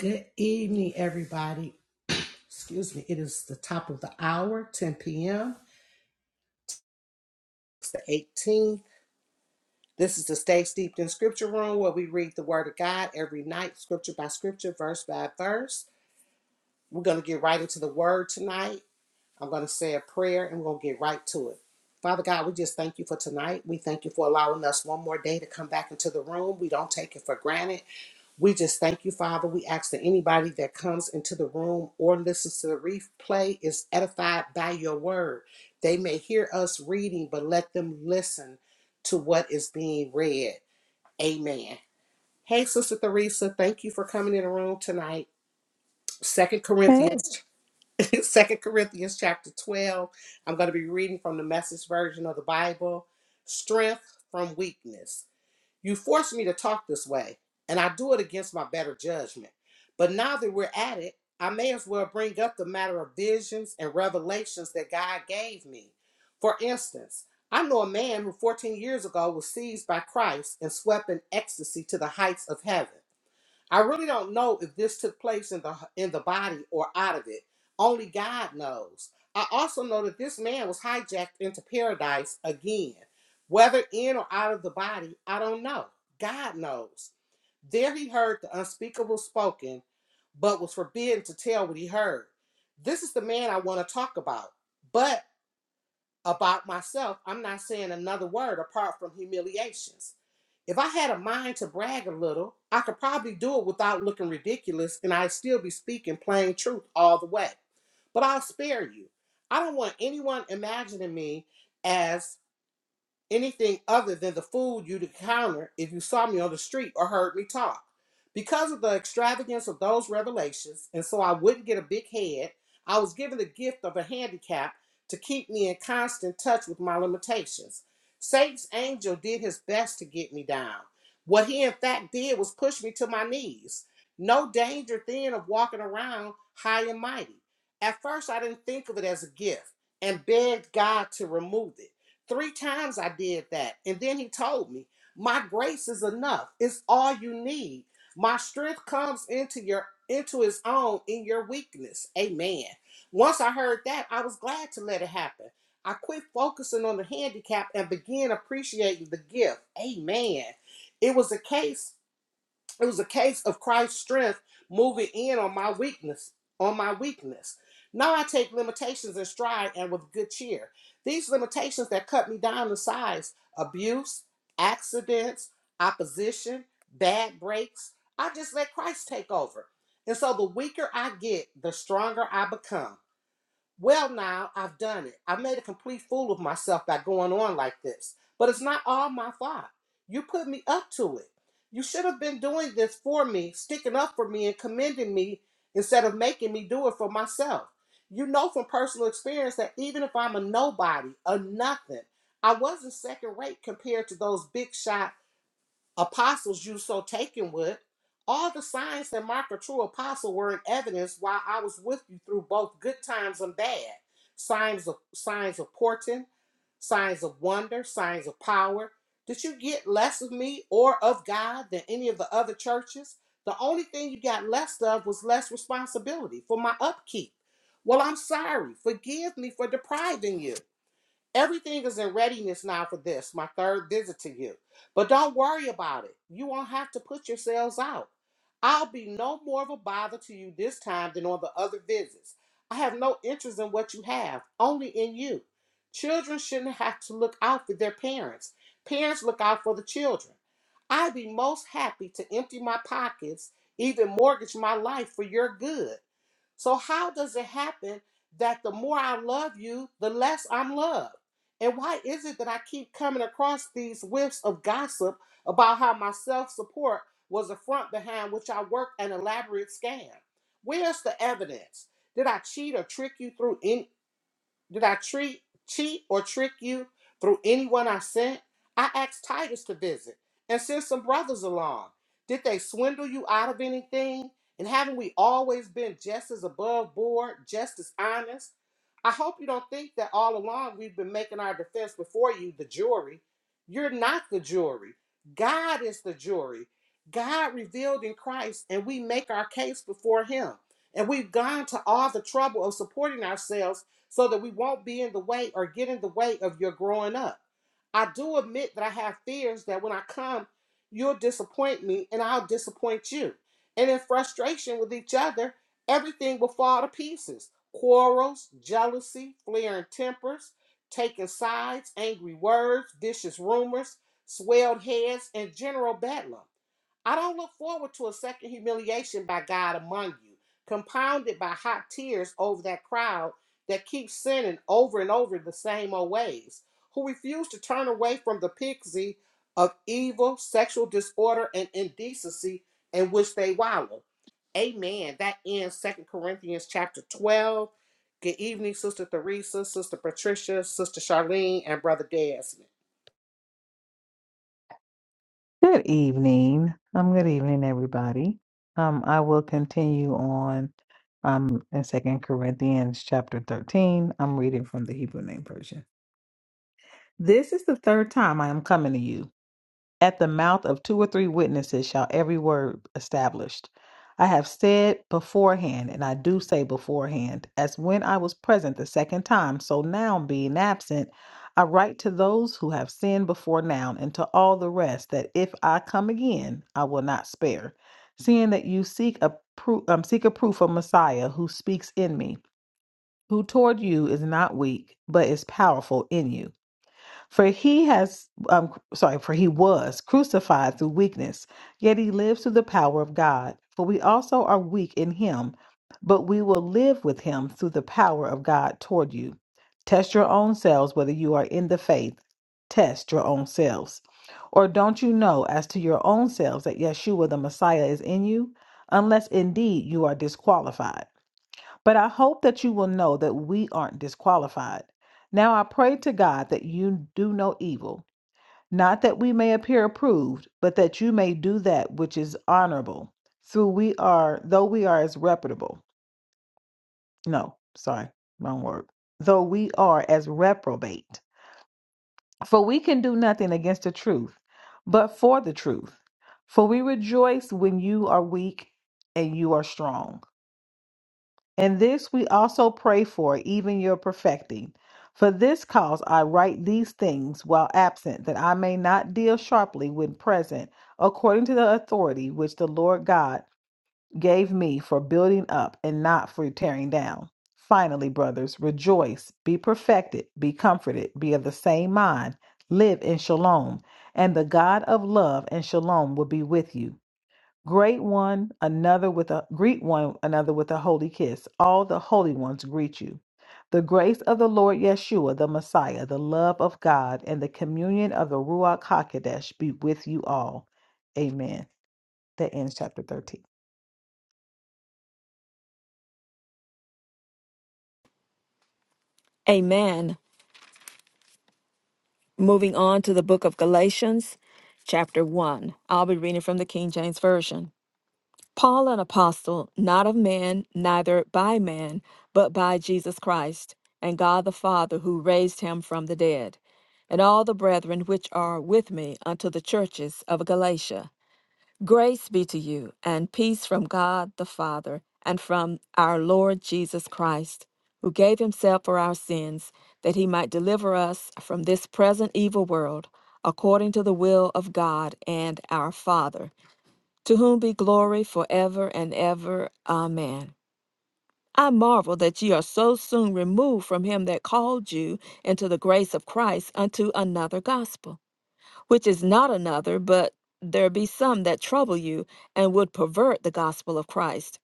Good evening, everybody. Excuse me, it is the top of the hour, 10 p.m. It's the 18th. This is the Stay Steeped in Scripture Room where we read the Word of God every night, scripture by scripture, verse by verse. We're going to get right into the Word tonight. I'm going to say a prayer and we're going to get right to it. Father God, we just thank you for tonight. We thank you for allowing us one more day to come back into the room. We don't take it for granted. We just thank you, Father. We ask that anybody that comes into the room or listens to the replay is edified by your word. They may hear us reading, but let them listen to what is being read. Amen. Hey, Sister Theresa, thank you for coming in the room tonight. Second Hey, Corinthians, Second Corinthians chapter 12. I'm going to be reading from the message version of the Bible. Strength from weakness. You forced me to talk this way, and I do it against my better judgment. But now that we're at it, I may as well bring up the matter of visions and revelations that God gave me. For instance, I know a man who 14 years ago was seized by Christ and swept in ecstasy to the heights of heaven. I really don't know if this took place in the in the body or out of it. Only God knows. I also know that this man was hijacked into paradise again. Whether in or out of the body, I don't know. God knows. There he heard the unspeakable spoken, but was forbidden to tell what he heard. This is the man I want to talk about. But about myself, I'm not saying another word apart from humiliations. If I had a mind to brag a little, I could probably do it without looking ridiculous and I'd still be speaking plain truth all the way. But I'll spare you. I don't want anyone imagining me as anything other than the food you'd encounter if you saw me on the street or heard me talk. Because of the extravagance of those revelations, and so I wouldn't get a big head, I was given the gift of a handicap to keep me in constant touch with my limitations. Satan's angel did his best to get me down. What he in fact did was push me to my knees. No danger then of walking around high and mighty. At first, I didn't think of it as a gift and begged God to remove it. Three times I did that. And then he told me, My grace is enough. It's all you need. My strength comes into your into his own in your weakness. Amen. Once I heard that, I was glad to let it happen. I quit focusing on the handicap and began appreciating the gift. Amen. It was a case it was a case of Christ's strength moving in on my weakness, on my weakness. Now I take limitations in stride and with good cheer. These limitations that cut me down to size, abuse, accidents, opposition, bad breaks, I just let Christ take over. And so the weaker I get, the stronger I become. Well, now I've done it. I made a complete fool of myself by going on like this. But it's not all my fault. You put me up to it. You should have been doing this for me, sticking up for me, and commending me instead of making me do it for myself. You know from personal experience that even if I'm a nobody, a nothing, I wasn't second rate compared to those big shot apostles you so taken with. All the signs that mark a true apostle were in evidence while I was with you through both good times and bad. Signs of signs of portent, signs of wonder, signs of power. Did you get less of me or of God than any of the other churches? The only thing you got less of was less responsibility for my upkeep. Well, I'm sorry. Forgive me for depriving you. Everything is in readiness now for this, my third visit to you. But don't worry about it. You won't have to put yourselves out. I'll be no more of a bother to you this time than on the other visits. I have no interest in what you have, only in you. Children shouldn't have to look out for their parents. Parents look out for the children. I'd be most happy to empty my pockets, even mortgage my life for your good. So, how does it happen that the more I love you, the less I'm loved? And why is it that I keep coming across these whiffs of gossip about how my self support was a front behind which I worked an elaborate scam? Where's the evidence? Did I cheat or trick you through in? Did I treat, cheat, or trick you through anyone I sent? I asked Titus to visit and send some brothers along. Did they swindle you out of anything? And haven't we always been just as above board, just as honest? I hope you don't think that all along we've been making our defense before you, the jury. You're not the jury. God is the jury. God revealed in Christ, and we make our case before Him. And we've gone to all the trouble of supporting ourselves so that we won't be in the way or get in the way of your growing up. I do admit that I have fears that when I come, you'll disappoint me and I'll disappoint you. And in frustration with each other, everything will fall to pieces quarrels, jealousy, flaring tempers, taking sides, angry words, vicious rumors, swelled heads, and general bedlam. I don't look forward to a second humiliation by God among you, compounded by hot tears over that crowd that keep sinning over and over the same old ways, who refuse to turn away from the pixie of evil, sexual disorder, and indecency in which they wallow. Amen. That ends Second Corinthians chapter 12. Good evening, Sister Theresa, Sister Patricia, Sister Charlene, and Brother Desmond. Good evening. Um, good evening, everybody. Um, I will continue on um in Second Corinthians chapter 13. I'm reading from the Hebrew name version. This is the third time I am coming to you. At the mouth of two or three witnesses shall every word established. I have said beforehand, and I do say beforehand, as when I was present the second time, so now being absent, I write to those who have sinned before now, and to all the rest, that if I come again, I will not spare. Seeing that you seek a proof, um, seek a proof of Messiah who speaks in me, who toward you is not weak, but is powerful in you. For he has, um, sorry, for he was crucified through weakness, yet he lives through the power of God. For we also are weak in him, but we will live with him through the power of God toward you. Test your own selves whether you are in the faith. Test your own selves. Or don't you know as to your own selves that Yeshua the Messiah is in you, unless indeed you are disqualified? But I hope that you will know that we aren't disqualified. Now I pray to God that you do no evil, not that we may appear approved, but that you may do that which is honorable, through we are though we are as reputable. No, sorry, wrong word. Though we are as reprobate. For we can do nothing against the truth, but for the truth. For we rejoice when you are weak and you are strong. And this we also pray for, even your perfecting. For this cause I write these things while absent, that I may not deal sharply when present, according to the authority which the Lord God gave me for building up and not for tearing down. Finally, brothers, rejoice, be perfected, be comforted, be of the same mind, live in shalom, and the God of love and shalom will be with you. Great one another with a greet one another with a holy kiss. All the holy ones greet you. The grace of the Lord Yeshua, the Messiah, the love of God, and the communion of the Ruach Hakodesh be with you all. Amen. That ends chapter 13. Amen. Moving on to the book of Galatians, chapter 1. I'll be reading from the King James Version. Paul, an apostle, not of man, neither by man, but by Jesus Christ, and God the Father, who raised him from the dead, and all the brethren which are with me unto the churches of Galatia. Grace be to you, and peace from God the Father, and from our Lord Jesus Christ, who gave himself for our sins, that he might deliver us from this present evil world, according to the will of God and our Father, to whom be glory forever and ever. Amen. I marvel that ye are so soon removed from him that called you into the grace of Christ unto another gospel which is not another, but there be some that trouble you and would pervert the gospel of Christ.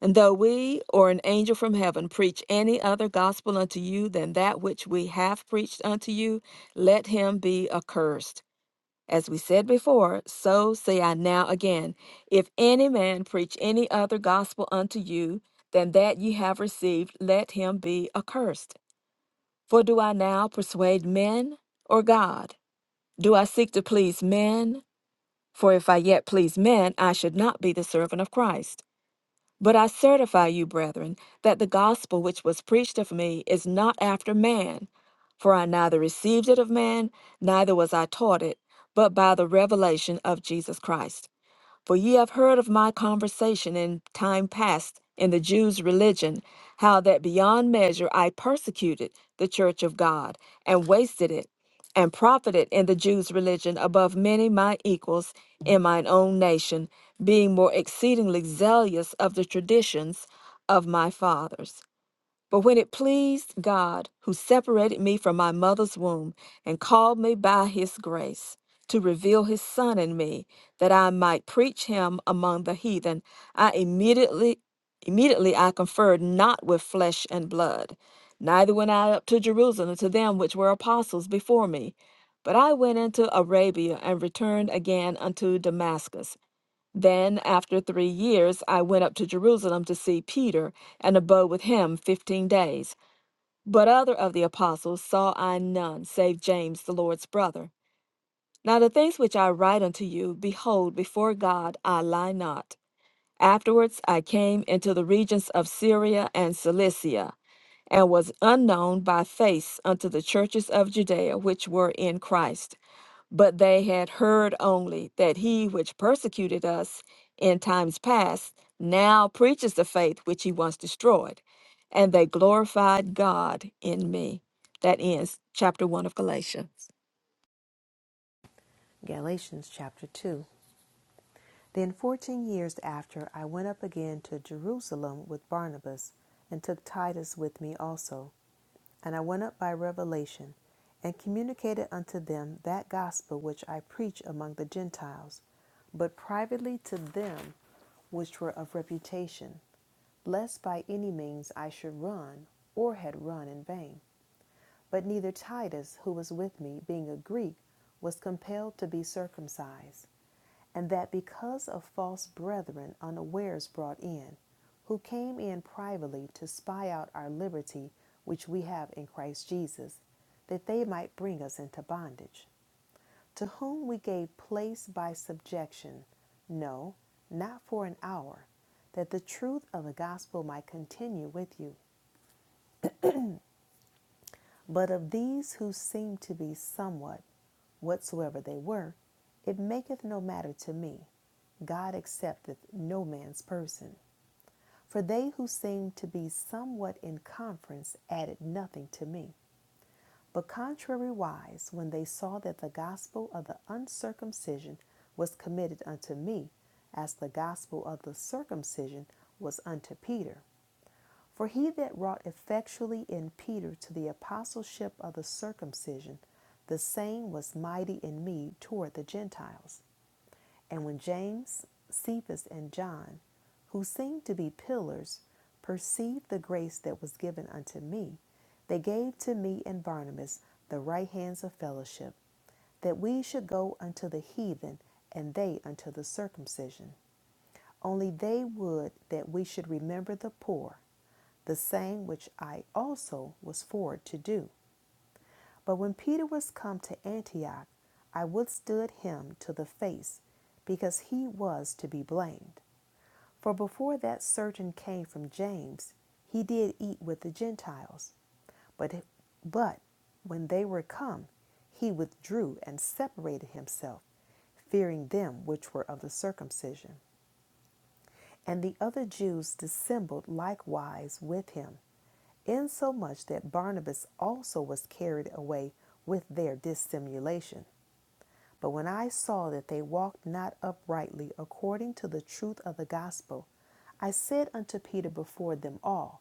And though we or an angel from heaven preach any other gospel unto you than that which we have preached unto you, let him be accursed. As we said before, so say I now again. If any man preach any other gospel unto you than that ye have received, let him be accursed. For do I now persuade men or God? Do I seek to please men? For if I yet please men, I should not be the servant of Christ. But I certify you, brethren, that the gospel which was preached of me is not after man. For I neither received it of man, neither was I taught it, but by the revelation of Jesus Christ. For ye have heard of my conversation in time past in the Jews' religion, how that beyond measure I persecuted the church of God, and wasted it, and profited in the Jews' religion above many my equals in mine own nation, being more exceedingly zealous of the traditions of my fathers. But when it pleased God, who separated me from my mother's womb and called me by his grace to reveal his son in me, that I might preach him among the heathen, I immediately immediately I conferred not with flesh and blood, neither went I up to Jerusalem to them which were apostles before me. But I went into Arabia and returned again unto Damascus. Then, after three years, I went up to Jerusalem to see Peter, and abode with him fifteen days. But other of the apostles saw I none, save James, the Lord's brother. Now the things which I write unto you, behold, before God I lie not. Afterwards I came into the regions of Syria and Cilicia, and was unknown by face unto the churches of Judea which were in Christ. But they had heard only that he which persecuted us in times past now preaches the faith which he once destroyed, and they glorified God in me. That ends chapter 1 of Galatians. Galatians chapter 2. Then 14 years after, I went up again to Jerusalem with Barnabas, and took Titus with me also. And I went up by revelation, and communicated unto them that gospel which I preach among the Gentiles, but privately to them which were of reputation, lest by any means I should run, or had run in vain. But neither Titus, who was with me, being a Greek, was compelled to be circumcised and that because of false brethren unawares brought in, who came in privately to spy out our liberty which we have in Christ Jesus, that they might bring us into bondage, to whom we gave place by subjection, no, not for an hour, that the truth of the gospel might continue with you. But of these who seemed to be somewhat, whatsoever they were, it maketh no matter to me. God accepteth no man's person. For they who seemed to be somewhat in conference added nothing to me. But contrariwise, when they saw that the gospel of the uncircumcision was committed unto me, as the gospel of the circumcision was unto Peter, for he that wrought effectually in Peter to the apostleship of the circumcision, the same was mighty in me toward the Gentiles. And when James, Cephas, and John, who seemed to be pillars, perceived the grace that was given unto me, they gave to me and Barnabas the right hands of fellowship, that we should go unto the heathen, and they unto the circumcision. Only they would that we should remember the poor the same which I also was forward to do. But when Peter was come to Antioch, I withstood him to the face, because he was to be blamed. For before that certain came from James, he did eat with the Gentiles. But, but when they were come, he withdrew and separated himself, fearing them which were of the circumcision. And the other Jews dissembled likewise with him, insomuch that Barnabas also was carried away with their dissimulation. But when I saw that they walked not uprightly according to the truth of the gospel, I said unto Peter before them all,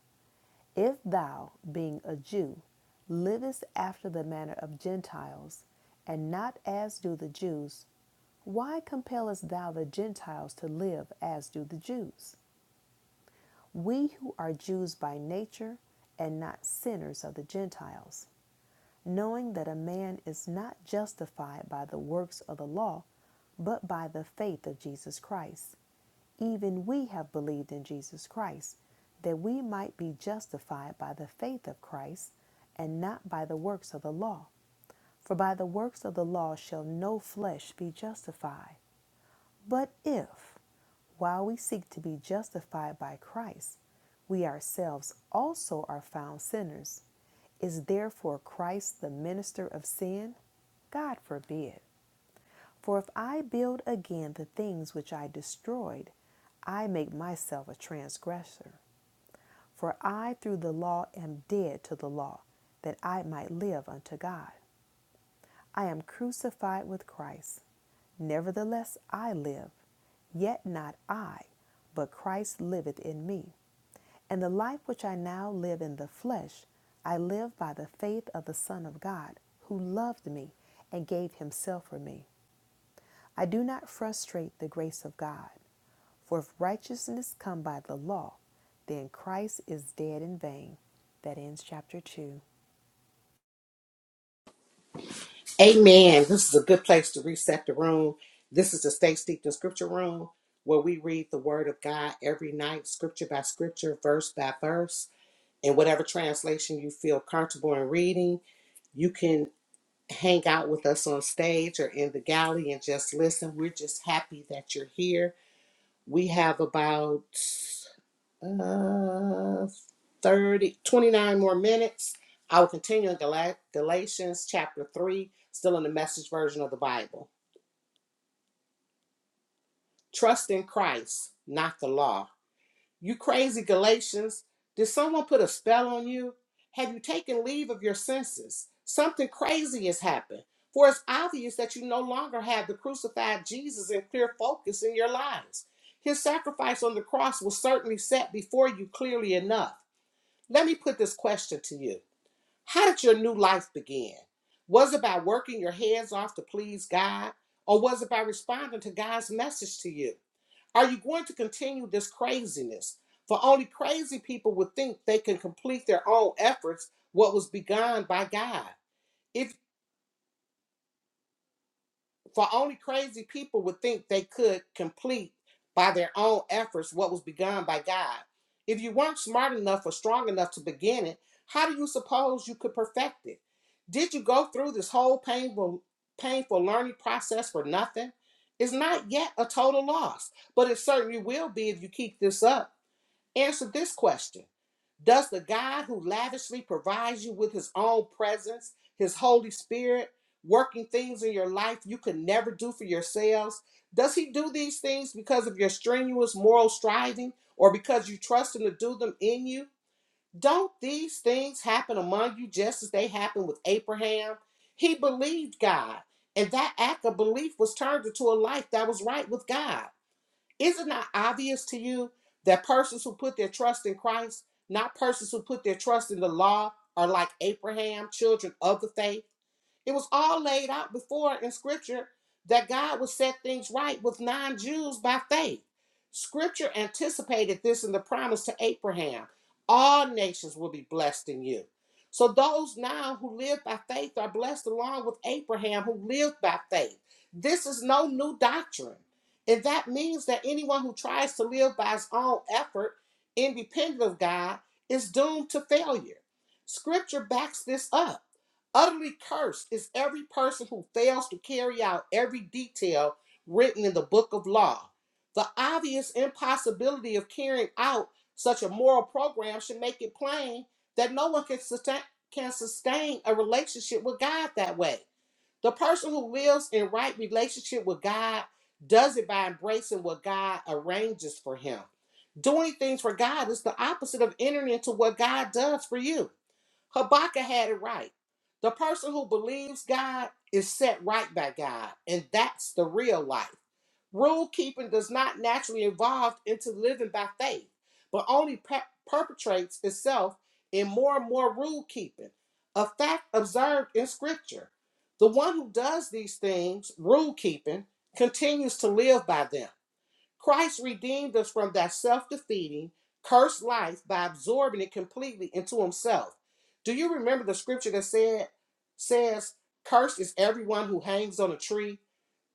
If thou, being a Jew, livest after the manner of Gentiles, and not as do the Jews, why compellest thou the Gentiles to live as do the Jews? We who are Jews by nature and not sinners of the Gentiles, knowing that a man is not justified by the works of the law, but by the faith of Jesus Christ. Even we have believed in Jesus Christ, that we might be justified by the faith of Christ and not by the works of the law. For by the works of the law shall no flesh be justified. But if, while we seek to be justified by Christ, we ourselves also are found sinners, is therefore Christ the minister of sin? God forbid. For if I build again the things which I destroyed, I make myself a transgressor. For I through the law am dead to the law, that I might live unto God. I am crucified with Christ. Nevertheless, I live, yet not I, but Christ liveth in me. And the life which I now live in the flesh, I live by the faith of the Son of God, who loved me and gave himself for me. I do not frustrate the grace of God, for if righteousness come by the law, then Christ is dead in vain. That ends chapter 2. Amen. This is a good place to reset the room. This is the Stay Steeped in Scripture Room where we read the Word of God every night, scripture by scripture, verse by verse. in whatever translation you feel comfortable in reading. You can hang out with us on stage or in the galley and just listen. We're just happy that you're here. We have about uh, 30, twenty-nine more minutes. I will continue in Gala- Galatians chapter 3, still in the message version of the Bible. Trust in Christ, not the law. You crazy Galatians, did someone put a spell on you? Have you taken leave of your senses? Something crazy has happened. For it's obvious that you no longer have the crucified Jesus in clear focus in your lives. His sacrifice on the cross was certainly set before you clearly enough. Let me put this question to you How did your new life begin? Was it by working your hands off to please God, or was it by responding to God's message to you? Are you going to continue this craziness? For only crazy people would think they can complete their own efforts what was begun by God. If for only crazy people would think they could complete by their own efforts what was begun by God. If you weren't smart enough or strong enough to begin it, how do you suppose you could perfect it? Did you go through this whole painful painful learning process for nothing? It's not yet a total loss, but it certainly will be if you keep this up. Answer this question Does the God who lavishly provides you with his own presence, his Holy Spirit, working things in your life you could never do for yourselves, does he do these things because of your strenuous moral striving or because you trust him to do them in you? Don't these things happen among you just as they happened with Abraham? He believed God, and that act of belief was turned into a life that was right with God. Is it not obvious to you that persons who put their trust in Christ, not persons who put their trust in the law, are like Abraham, children of the faith? It was all laid out before in scripture that God would set things right with non Jews by faith. Scripture anticipated this in the promise to Abraham all nations will be blessed in you. So those now who live by faith are blessed along with Abraham who lived by faith. This is no new doctrine. And that means that anyone who tries to live by his own effort, independent of God, is doomed to failure. Scripture backs this up. Utterly cursed is every person who fails to carry out every detail written in the book of law. The obvious impossibility of carrying out such a moral program should make it plain that no one can sustain, can sustain a relationship with God that way. The person who lives in right relationship with God does it by embracing what God arranges for him. Doing things for God is the opposite of entering into what God does for you. Habakkuk had it right. The person who believes God is set right by God, and that's the real life. Rule keeping does not naturally evolve into living by faith, but only pe- perpetrates itself in more and more rule keeping, a fact observed in Scripture. The one who does these things, rule keeping, continues to live by them. Christ redeemed us from that self defeating, cursed life by absorbing it completely into himself. Do you remember the scripture that said, says, Cursed is everyone who hangs on a tree?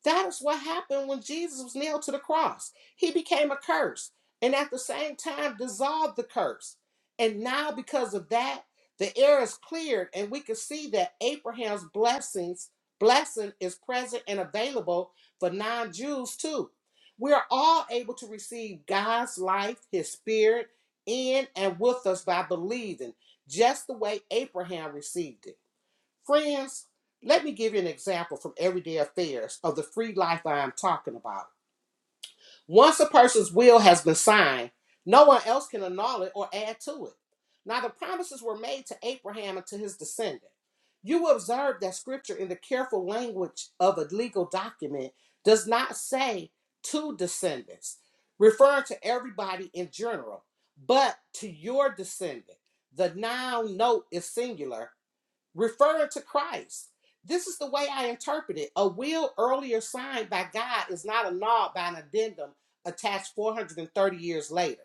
That is what happened when Jesus was nailed to the cross. He became a curse and at the same time dissolved the curse. And now, because of that, the air is cleared, and we can see that Abraham's blessings, blessing is present and available for non Jews too. We are all able to receive God's life, His Spirit, in and with us by believing, just the way Abraham received it. Friends, let me give you an example from everyday affairs of the free life I am talking about. Once a person's will has been signed, no one else can annul it or add to it. Now, the promises were made to Abraham and to his descendant. You will observe that scripture in the careful language of a legal document does not say to descendants, referring to everybody in general, but to your descendant. The noun note is singular referring to Christ. This is the way I interpret it. A will earlier signed by God is not annulled by an addendum attached 430 years later,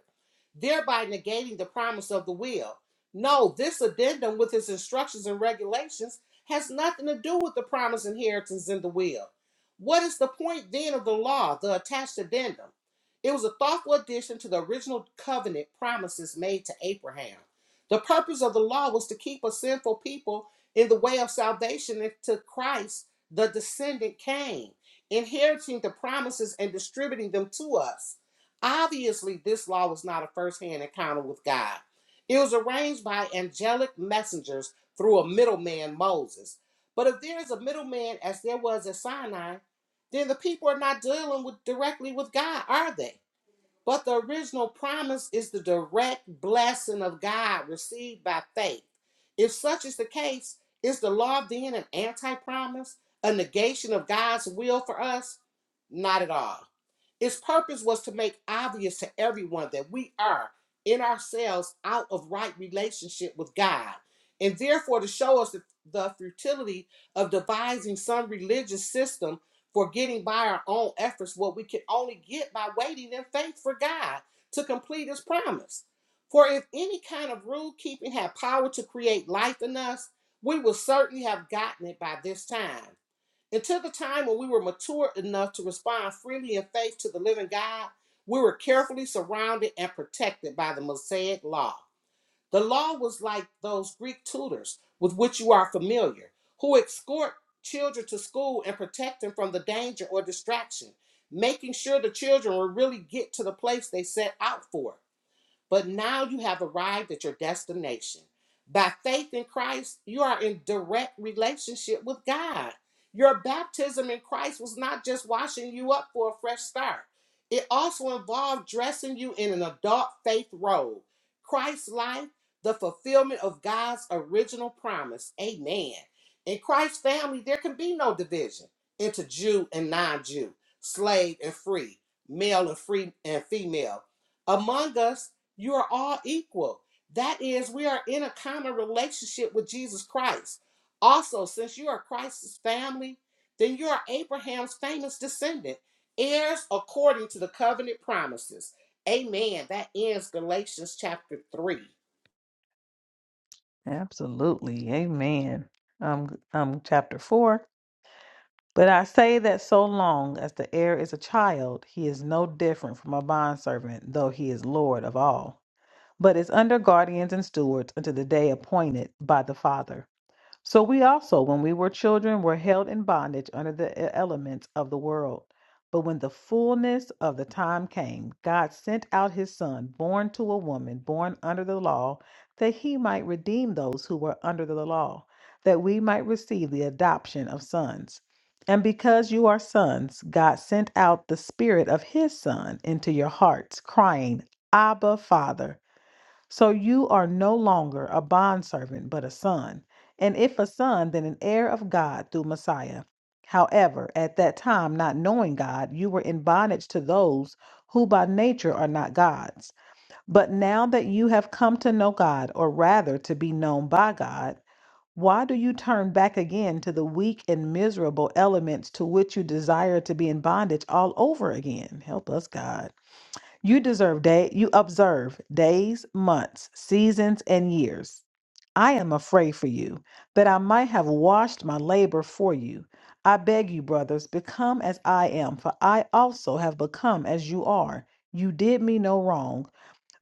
thereby negating the promise of the will. No, this addendum with its instructions and regulations has nothing to do with the promised inheritance in the will. What is the point then of the law, the attached addendum? It was a thoughtful addition to the original covenant promises made to Abraham. The purpose of the law was to keep a sinful people in the way of salvation into Christ, the descendant came, inheriting the promises and distributing them to us. Obviously, this law was not a first-hand encounter with God. It was arranged by angelic messengers through a middleman, Moses. But if there is a middleman, as there was at Sinai, then the people are not dealing with directly with God, are they? But the original promise is the direct blessing of God received by faith. If such is the case, is the law then an anti promise, a negation of God's will for us? Not at all. Its purpose was to make obvious to everyone that we are in ourselves out of right relationship with God, and therefore to show us the, the futility of devising some religious system for getting by our own efforts what we can only get by waiting in faith for God to complete his promise. For if any kind of rule keeping had power to create life in us, we would certainly have gotten it by this time. Until the time when we were mature enough to respond freely in faith to the living God, we were carefully surrounded and protected by the Mosaic Law. The law was like those Greek tutors with which you are familiar, who escort children to school and protect them from the danger or distraction, making sure the children will really get to the place they set out for. But now you have arrived at your destination. By faith in Christ, you are in direct relationship with God. Your baptism in Christ was not just washing you up for a fresh start, it also involved dressing you in an adult faith robe. Christ's life, the fulfillment of God's original promise. Amen. In Christ's family, there can be no division into Jew and non Jew, slave and free, male and free and female. Among us, you are all equal. That is, we are in a common relationship with Jesus Christ. Also, since you are Christ's family, then you are Abraham's famous descendant, heirs according to the covenant promises. Amen. That ends Galatians chapter 3. Absolutely. Amen. Um, um, chapter 4. But I say that so long as the heir is a child, he is no different from a bondservant, though he is Lord of all, but is under guardians and stewards until the day appointed by the Father. So we also, when we were children, were held in bondage under the e- elements of the world. But when the fullness of the time came, God sent out his son, born to a woman, born under the law, that he might redeem those who were under the law, that we might receive the adoption of sons. And because you are sons, God sent out the spirit of his son into your hearts, crying, Abba, Father. So you are no longer a bondservant, but a son. And if a son, then an heir of God through Messiah. However, at that time, not knowing God, you were in bondage to those who by nature are not God's. But now that you have come to know God, or rather to be known by God, why do you turn back again to the weak and miserable elements to which you desire to be in bondage all over again? Help us, God. You deserve day you observe days, months, seasons, and years. I am afraid for you, that I might have washed my labor for you. I beg you, brothers, become as I am, for I also have become as you are. You did me no wrong,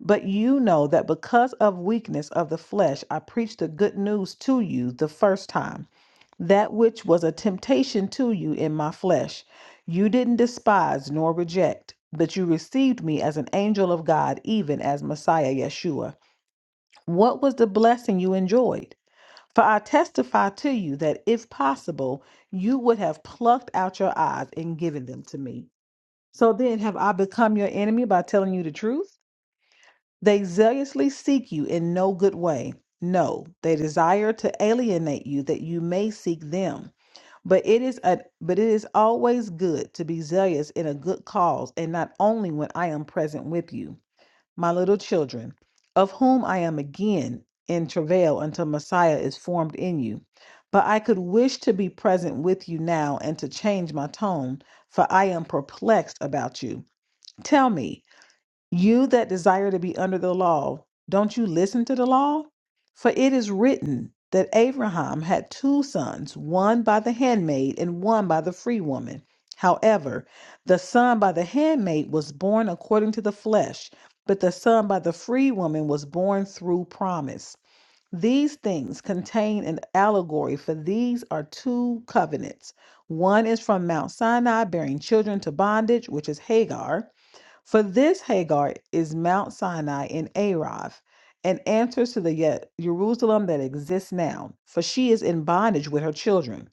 but you know that because of weakness of the flesh, I preached the good news to you the first time that which was a temptation to you in my flesh, you didn't despise nor reject, but you received me as an angel of God, even as Messiah Yeshua. What was the blessing you enjoyed? For I testify to you that if possible, you would have plucked out your eyes and given them to me. So then, have I become your enemy by telling you the truth? They zealously seek you in no good way. No, they desire to alienate you that you may seek them. But it is a but it is always good to be zealous in a good cause, and not only when I am present with you, my little children, of whom I am again in travail until Messiah is formed in you. But I could wish to be present with you now and to change my tone, for I am perplexed about you. Tell me. You that desire to be under the law, don't you listen to the law? For it is written that Abraham had two sons, one by the handmaid and one by the free woman. However, the son by the handmaid was born according to the flesh, but the son by the free woman was born through promise. These things contain an allegory, for these are two covenants. One is from Mount Sinai, bearing children to bondage, which is Hagar for this Hagar is Mount Sinai in Arov, and answers to the yet Jerusalem that exists now, for she is in bondage with her children.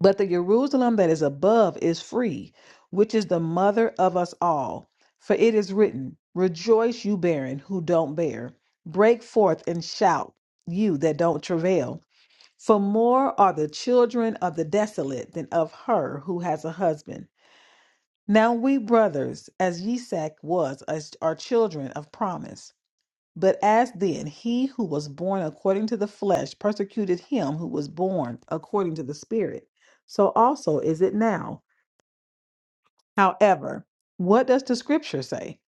But the Jerusalem that is above is free, which is the mother of us all. For it is written, Rejoice, you barren who don't bear. Break forth and shout, you that don't travail. For more are the children of the desolate than of her who has a husband. Now we brothers, as Yisak was, as are children of promise. But as then he who was born according to the flesh persecuted him who was born according to the spirit, so also is it now. However, what does the scripture say?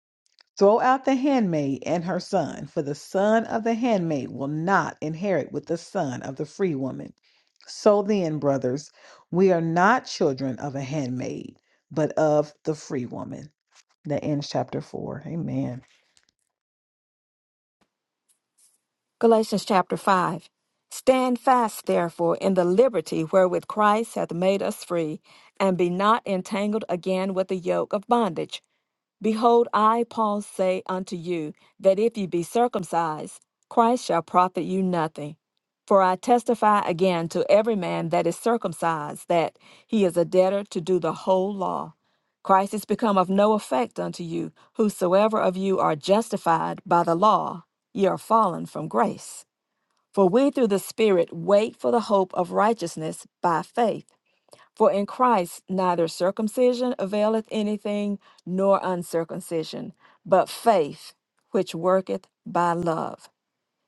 Throw out the handmaid and her son, for the son of the handmaid will not inherit with the son of the free woman. So then, brothers, we are not children of a handmaid, but of the free woman. That ends chapter four. Amen. Galatians chapter 5. Stand fast, therefore, in the liberty wherewith Christ hath made us free, and be not entangled again with the yoke of bondage. Behold, I, Paul, say unto you, that if ye be circumcised, Christ shall profit you nothing. For I testify again to every man that is circumcised, that he is a debtor to do the whole law. Christ is become of no effect unto you, whosoever of you are justified by the law, ye are fallen from grace. For we through the Spirit wait for the hope of righteousness by faith. For in Christ neither circumcision availeth anything, nor uncircumcision, but faith which worketh by love.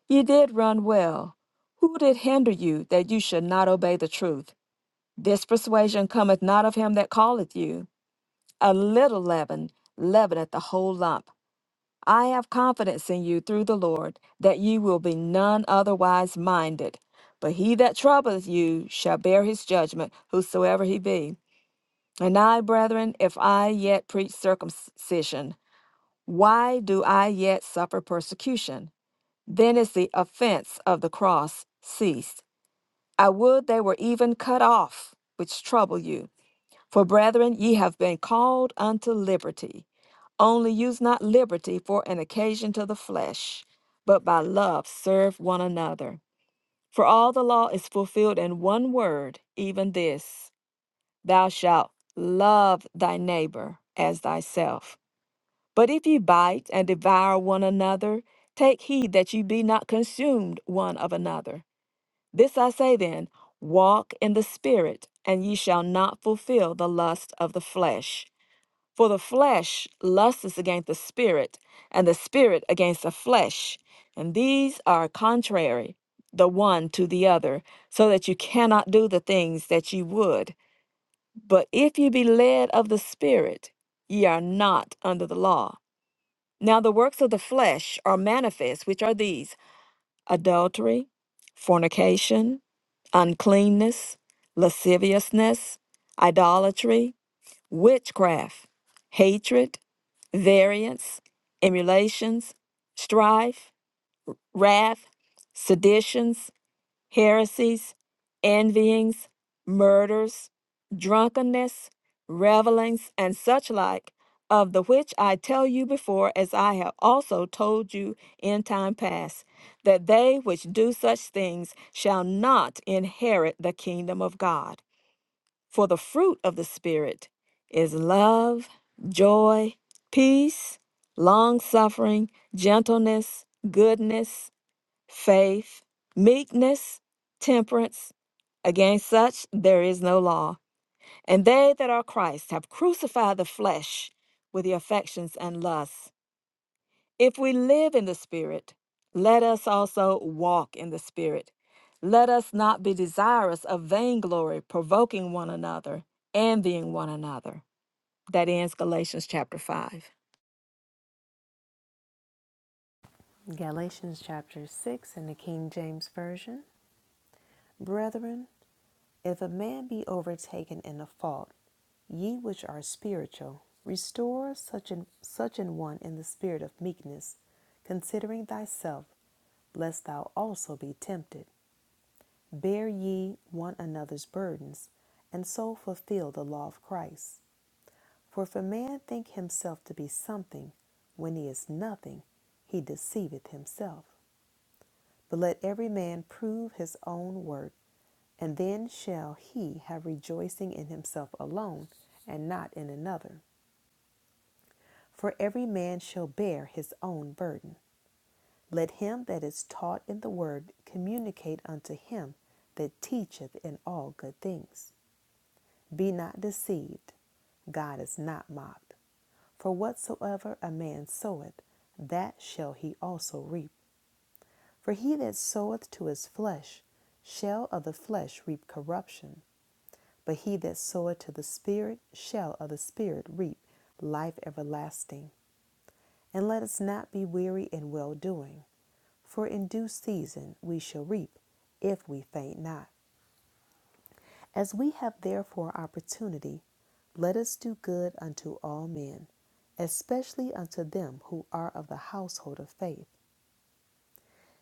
Ye did run well. Who did hinder you that you should not obey the truth? This persuasion cometh not of him that calleth you. A little leaven leaveneth the whole lump. I have confidence in you through the Lord that ye will be none otherwise minded. But he that troubleth you shall bear his judgment, whosoever he be. And I, brethren, if I yet preach circumcision, why do I yet suffer persecution? Then is the offense of the cross ceased. I would they were even cut off, which trouble you. For, brethren, ye have been called unto liberty. Only use not liberty for an occasion to the flesh, but by love serve one another. For all the law is fulfilled in one word, even this Thou shalt love thy neighbor as thyself. But if ye bite and devour one another, take heed that ye be not consumed one of another. This I say then walk in the Spirit, and ye shall not fulfill the lust of the flesh. For the flesh lusteth against the Spirit, and the Spirit against the flesh. And these are contrary the one to the other, so that you cannot do the things that ye would. But if you be led of the Spirit, ye are not under the law. Now the works of the flesh are manifest, which are these adultery, fornication, uncleanness, lasciviousness, idolatry, witchcraft, hatred, variance, emulations, strife, wrath, seditions heresies, envyings, murders, drunkenness, revelings, and such like, of the which I tell you before, as I have also told you in time past, that they which do such things shall not inherit the kingdom of God. For the fruit of the Spirit is love, joy, peace, long suffering, gentleness, goodness faith, meekness, temperance. Against such there is no law. And they that are Christ have crucified the flesh with the affections and lusts. If we live in the Spirit, let us also walk in the Spirit. Let us not be desirous of vainglory, provoking one another, envying one another. That ends Galatians chapter 5. Galatians chapter 6 in the King James Version. Brethren, if a man be overtaken in a fault, ye which are spiritual, restore such an, such an one in the spirit of meekness, considering thyself, lest thou also be tempted. Bear ye one another's burdens, and so fulfill the law of Christ. For if a man think himself to be something, when he is nothing, he deceiveth himself. But let every man prove his own work And then shall he have rejoicing in himself alone, and not in another. For every man shall bear his own burden. Let him that is taught in the word communicate unto him that teacheth in all good things. Be not deceived, God is not mocked. For whatsoever a man soweth, that shall he also reap. For he that soweth to his flesh shall of the flesh reap corruption, But he that soweth to the Spirit shall of the Spirit reap life everlasting. And let us not be weary in well doing, for in due season we shall reap, if we faint not. As we have therefore opportunity, let us do good unto all men, especially unto them who are of the household of faith.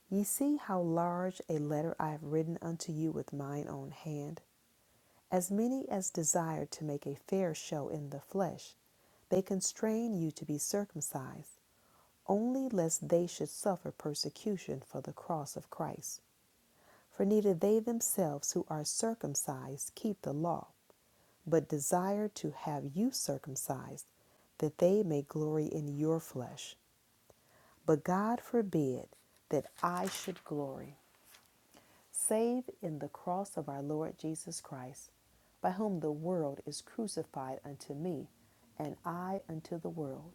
Ye see how large a letter I have written unto you with mine own hand. As many as desire to make a fair show in the flesh, they constrain you to be circumcised, only lest they should suffer persecution for the cross of Christ. For neither they themselves who are circumcised keep the law, but desire to have you circumcised, that they may glory in your flesh. But God forbid that I should glory. save in the cross of our Lord Jesus Christ, by whom the world is crucified unto me, and I unto the world.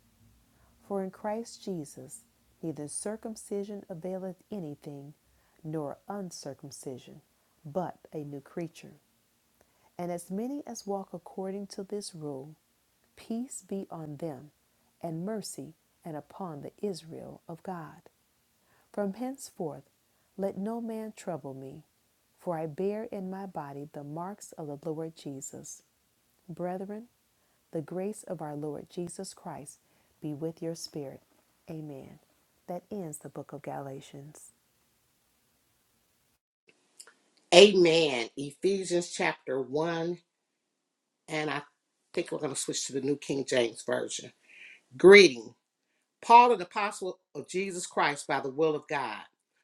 For in Christ Jesus neither circumcision availeth anything, nor uncircumcision, but a new creature. And as many as walk according to this rule, peace be on them, and mercy, and upon the Israel of God. From henceforth let no man trouble me for I bear in my body the marks of the Lord Jesus. Brethren, the grace of our Lord Jesus Christ be with your spirit. Amen. That ends the book of Galatians. Amen. Ephesians chapter 1. And I think we're going to switch to the New King James Version. Greeting. Paul, an apostle of Jesus Christ by the will of God,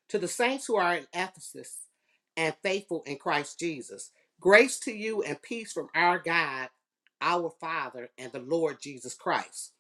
to the saints who are in Ephesus and faithful in Christ Jesus, grace to you and peace from our God, our Father, and the Lord Jesus Christ.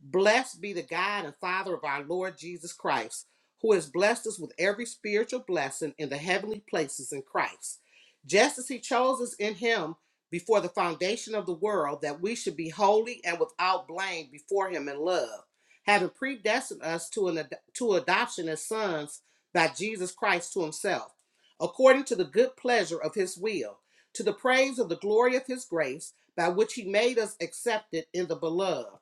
Blessed be the God and Father of our Lord Jesus Christ, who has blessed us with every spiritual blessing in the heavenly places in Christ, just as He chose us in Him before the foundation of the world, that we should be holy and without blame before Him in love, having predestined us to, an, ad- to adoption as sons by Jesus Christ to Himself, according to the good pleasure of His will, to the praise of the glory of His grace, by which He made us accepted in the beloved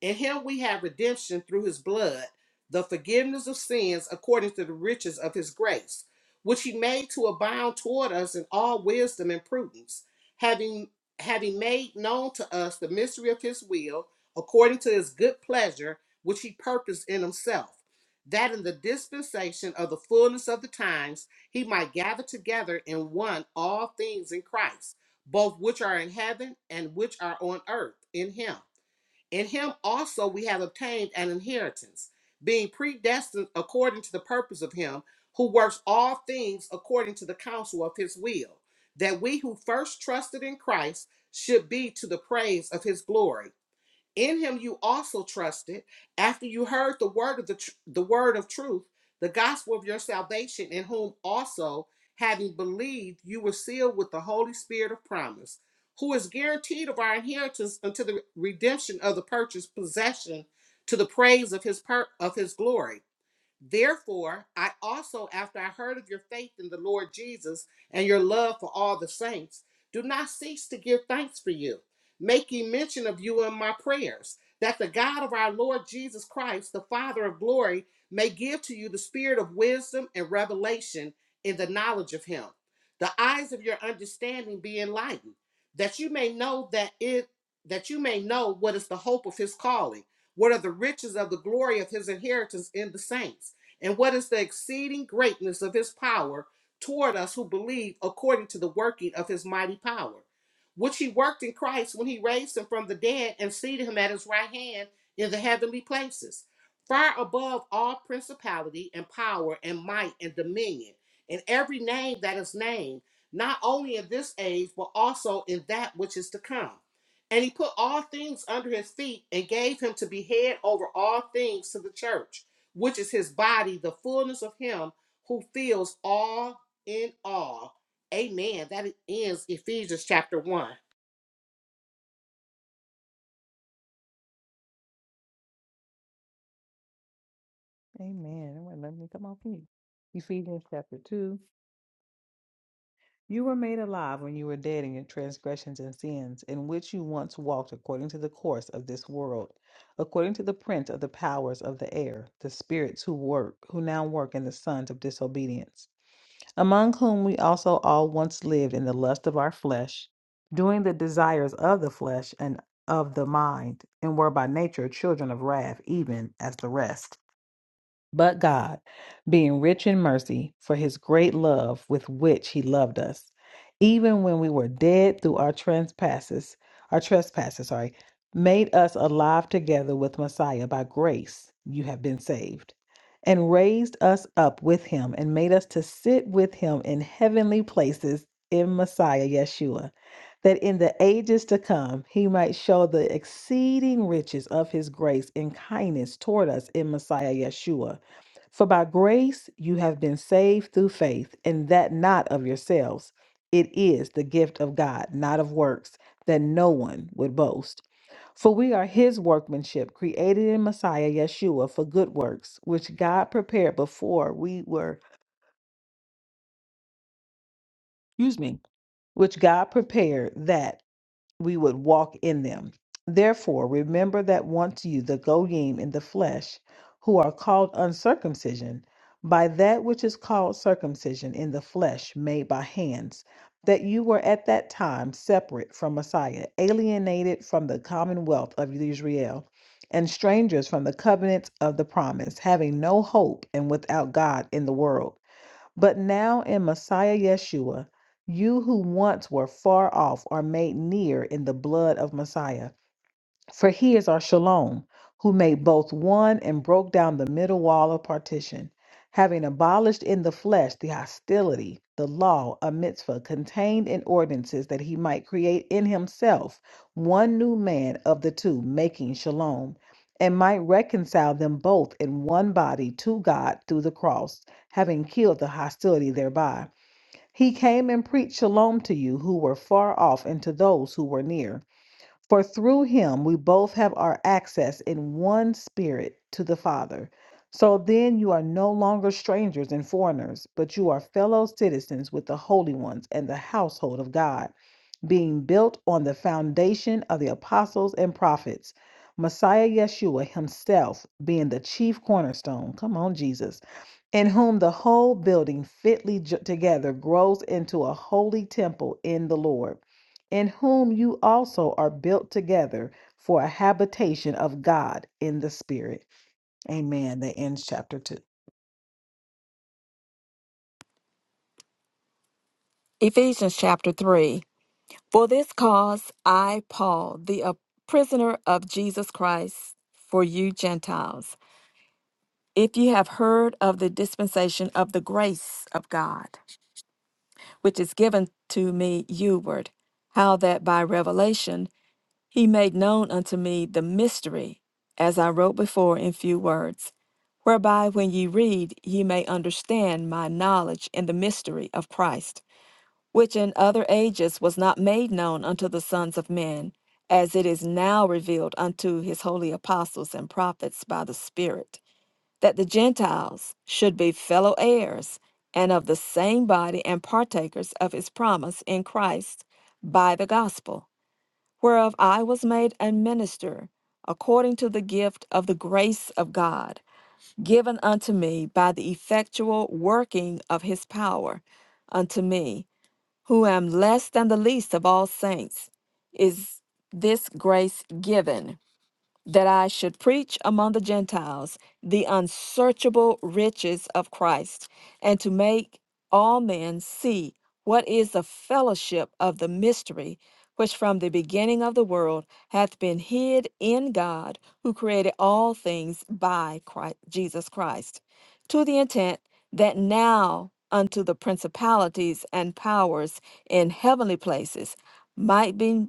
in him we have redemption through his blood, the forgiveness of sins according to the riches of his grace, which he made to abound toward us in all wisdom and prudence, having having made known to us the mystery of his will, according to his good pleasure, which he purposed in himself, that in the dispensation of the fullness of the times he might gather together in one all things in Christ, both which are in heaven and which are on earth in him in him also we have obtained an inheritance, being predestined according to the purpose of him who works all things according to the counsel of his will, that we who first trusted in Christ should be to the praise of his glory in him you also trusted after you heard the word of the, tr- the word of truth, the gospel of your salvation, in whom also having believed you were sealed with the Holy Spirit of promise, who is guaranteed of our inheritance until the redemption of the purchased possession to the praise of his per- of his glory. Therefore, I also, after I heard of your faith in the Lord Jesus and your love for all the saints, do not cease to give thanks for you, making mention of you in my prayers, that the God of our Lord Jesus Christ, the Father of glory, may give to you the spirit of wisdom and revelation in the knowledge of him, the eyes of your understanding be enlightened, that you may know that it that you may know what is the hope of his calling, what are the riches of the glory of his inheritance in the saints and what is the exceeding greatness of his power toward us who believe according to the working of his mighty power, which he worked in Christ when he raised him from the dead and seated him at his right hand in the heavenly places, far above all principality and power and might and dominion, and every name that is named, not only in this age, but also in that which is to come. And he put all things under his feet and gave him to be head over all things to the church which is his body, the fullness of him who fills all in all. Amen. That ends Ephesians chapter 1. Amen. It wouldn't let me come off you. Ephesians chapter 2. You were made alive when you were dead in your transgressions and sins, in which you once walked according to the course of this world, according to the prince of the powers of the air, the spirits who work, who now work in the sons of disobedience. among whom we also all once lived in the lust of our flesh, doing the desires of the flesh and of the mind, and were by nature children of wrath, even as the rest but God, being rich in mercy for his great love with which he loved us, even when we were dead through our trespasses, our trespasses, sorry, made us alive together with Messiah by grace you have been saved, and raised us up with him and made us to sit with him in heavenly places in Messiah Yeshua, that in the ages to come he might show the exceeding riches of his grace and kindness toward us in Messiah Yeshua for by grace you have been saved through faith, and that not of yourselves. It is the gift of God, not of works, that no one would boast. For we are his workmanship, created in Messiah Yeshua for good works, which God prepared before we were, excuse me, which God prepared that. we would walk in them. Therefore, remember that once you, the Goyim in the flesh, who are called uncircumcision, by that which is called circumcision in the flesh made by hands, that you were at that time separate from Messiah, alienated from the commonwealth of Israel, and strangers from the covenants of the promise, having no hope and without God in the world. But now in Messiah Yeshua, you who once were far off are made near in the blood of Messiah. For he is our shalom, who made both one and broke down the middle wall of partition, having abolished in the flesh the hostility, the law, a mitzvah contained in ordinances, that he might create in himself one new man of the two, making shalom, and might reconcile them both in one body to God through the cross, having killed the hostility thereby. He came and preached shalom to you who were far off and to those who were near. For through him we both have our access in one spirit to the Father. So then you are no longer strangers and foreigners, but you are fellow citizens with the holy ones and the household of God, being built on the foundation of the apostles and prophets, Messiah Yeshua himself being the chief cornerstone. Come on, Jesus in whom the whole building fitly jo- together grows into a holy temple in the Lord, in whom you also are built together for a habitation of God in the Spirit. Amen. That ends chapter 2. Ephesians chapter 3. For this cause I, Paul, the a prisoner of Jesus Christ, for you Gentiles, if ye have heard of the dispensation of the grace of God, which is given to me youward, how that by revelation he made known unto me the mystery, as I wrote before in few words, whereby when ye read ye may understand my knowledge in the mystery of Christ which in other ages was not made known unto the sons of men, as it is now revealed unto his holy apostles and prophets by the Spirit, that the Gentiles should be fellow heirs and of the same body and partakers of his promise in Christ by the gospel, whereof I was made a minister according to the gift of the grace of God given unto me by the effectual working of his power unto me who am less than the least of all saints, is this grace given? that I should preach among the Gentiles the unsearchable riches of Christ, and to make all men see what is the fellowship of the mystery which from the beginning of the world hath been hid in God, who created all things by Christ, Jesus Christ, to the intent that now unto the principalities and powers in heavenly places might be